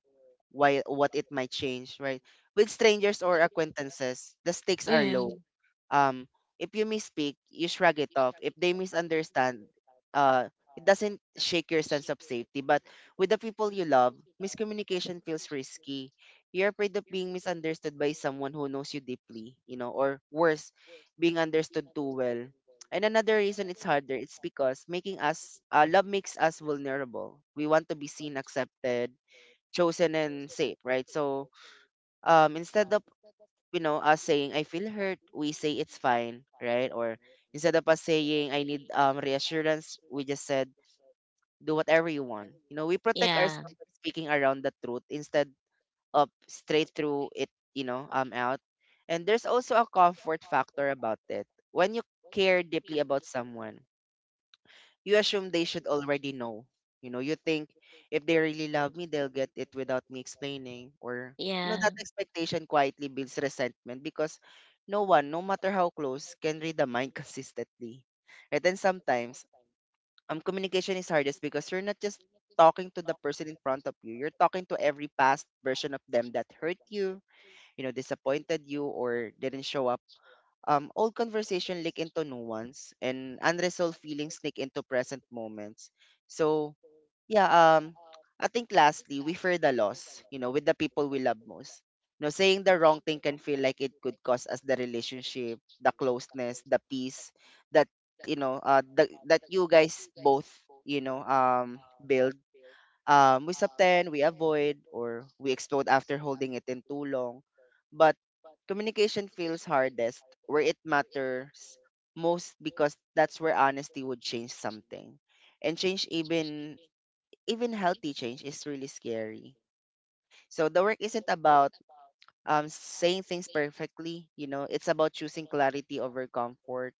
[SPEAKER 1] why what it might change, right? With strangers or acquaintances, the stakes are low.
[SPEAKER 2] Mm.
[SPEAKER 1] Um, if you misspeak, you shrug it off. If they misunderstand, uh, it doesn't shake your sense of safety. But with the people you love, miscommunication feels risky. You're afraid of being misunderstood by someone who knows you deeply, you know, or worse, being understood too well. And another reason it's harder, it's because making us uh, love makes us vulnerable. We want to be seen, accepted, chosen, and safe, right? So um, instead of, you know, us saying, "I feel hurt," we say, "It's fine," right? Or instead of us saying, "I need, um, reassurance," we just said, "Do whatever you want." You know, we protect
[SPEAKER 2] Yeah.
[SPEAKER 1] ourselves by speaking around the truth instead of straight through it, you know, um, out. And there's also a comfort factor about it. When you care deeply about someone, you assume they should already know. You know, you think, if they really love me, they'll get it without me explaining. Or, you know,
[SPEAKER 2] Yeah.
[SPEAKER 1] that expectation quietly builds resentment, because no one, no matter how close, can read the mind consistently. And then sometimes, um, communication is hardest because you're not just talking to the person in front of you. You're talking to every past version of them that hurt you, you know, disappointed you, or didn't show up. Um, old conversation leak into nuance, and unresolved feelings sneak into present moments. So yeah, um, I think lastly, we fear the loss, you know, with the people we love most. You know, saying the wrong thing can feel like it could cost us the relationship, the closeness, the peace that, you know, uh, the, that you guys both, you know, um, build. Um, we subtend, we avoid, or we explode after holding it in too long. But communication feels hardest where it matters most, because that's where honesty would change something. And change, even even healthy change, is really scary. So the work isn't about, um, saying things perfectly. You know, it's about choosing clarity over comfort,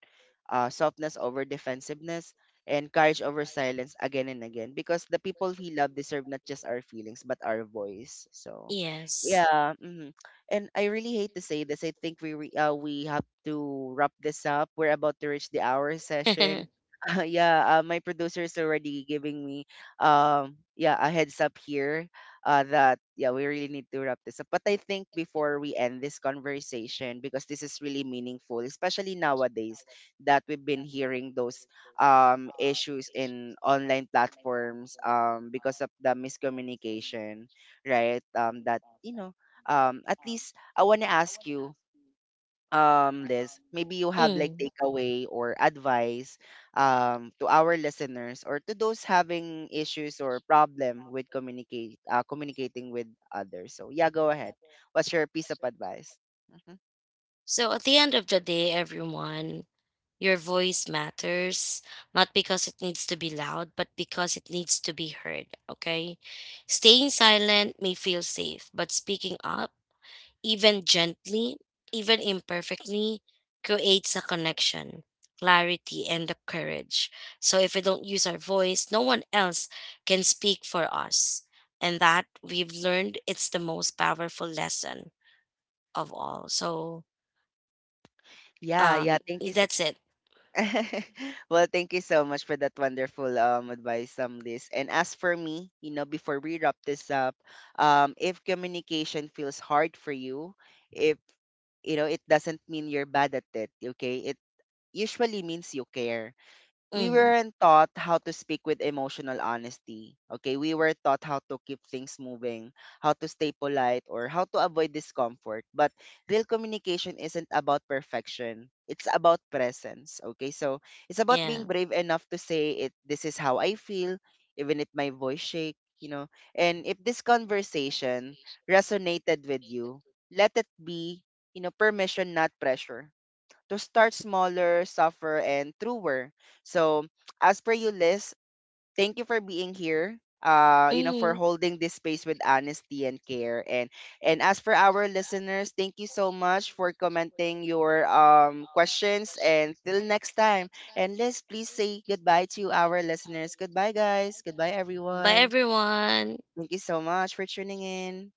[SPEAKER 1] uh, softness over defensiveness, and courage over silence, again and again. Because the people we love deserve not just our feelings but our voice. So,
[SPEAKER 2] Yes.
[SPEAKER 1] yeah. Mhm. And I really hate to say this. I think we re- uh, we have to wrap this up. We're about to reach the hour session. Yeah, uh, my producer is already giving me, um, yeah, a heads up here, uh, that yeah, we really need to wrap this up. But I think before we end this conversation, because this is really meaningful, especially nowadays that we've been hearing those, um, issues in online platforms, um, because of the miscommunication, right? Um, that you know, um, at least I want to ask you, um, Liz, maybe you have like
[SPEAKER 2] Mm.
[SPEAKER 1] takeaway or advice, um, to our listeners or to those having issues or problem with communicate uh, communicating with others. So yeah, go ahead. What's your piece of advice? Hmm.
[SPEAKER 2] So at the end of the day, everyone, your voice matters, not because it needs to be loud, but because it needs to be heard, okay? Staying silent may feel safe, but speaking up, even gently, even imperfectly, creates a connection, clarity, and the courage. So if we don't use our voice, no one else can speak for us. And that, we've learned, it's the most powerful lesson of all. So
[SPEAKER 1] Yeah, yeah.
[SPEAKER 2] um
[SPEAKER 1] Thank you.
[SPEAKER 2] that's it.
[SPEAKER 1] Well, thank you so much for that wonderful, um, advice, um, Liz. And as for me, you know, before we wrap this up, um, if communication feels hard for you, if, you know, it doesn't mean you're bad at it. Okay, it usually means you care. We
[SPEAKER 2] Hmm.
[SPEAKER 1] weren't taught how to speak with emotional honesty. Okay, we were taught how to keep things moving, how to stay polite, or how to avoid discomfort. But real communication isn't about perfection, it's about presence. Okay, so it's about
[SPEAKER 2] Yeah.
[SPEAKER 1] being brave enough to say it, this is how I feel, even if my voice shake, you know. And if this conversation resonated with you, let it be, you know, permission, not pressure, to start smaller, suffer, and truer. So, as per you, Liz, thank you for being here. Uh, you know, for
[SPEAKER 2] Hmm.
[SPEAKER 1] holding this space with honesty and care. and and as for our listeners, thank you so much for commenting your, um, questions. And till next time, and Liz, please say goodbye to our listeners. Goodbye, guys. Goodbye,
[SPEAKER 2] Bye
[SPEAKER 1] everyone.
[SPEAKER 2] everyone.
[SPEAKER 1] Thank you so much for tuning in.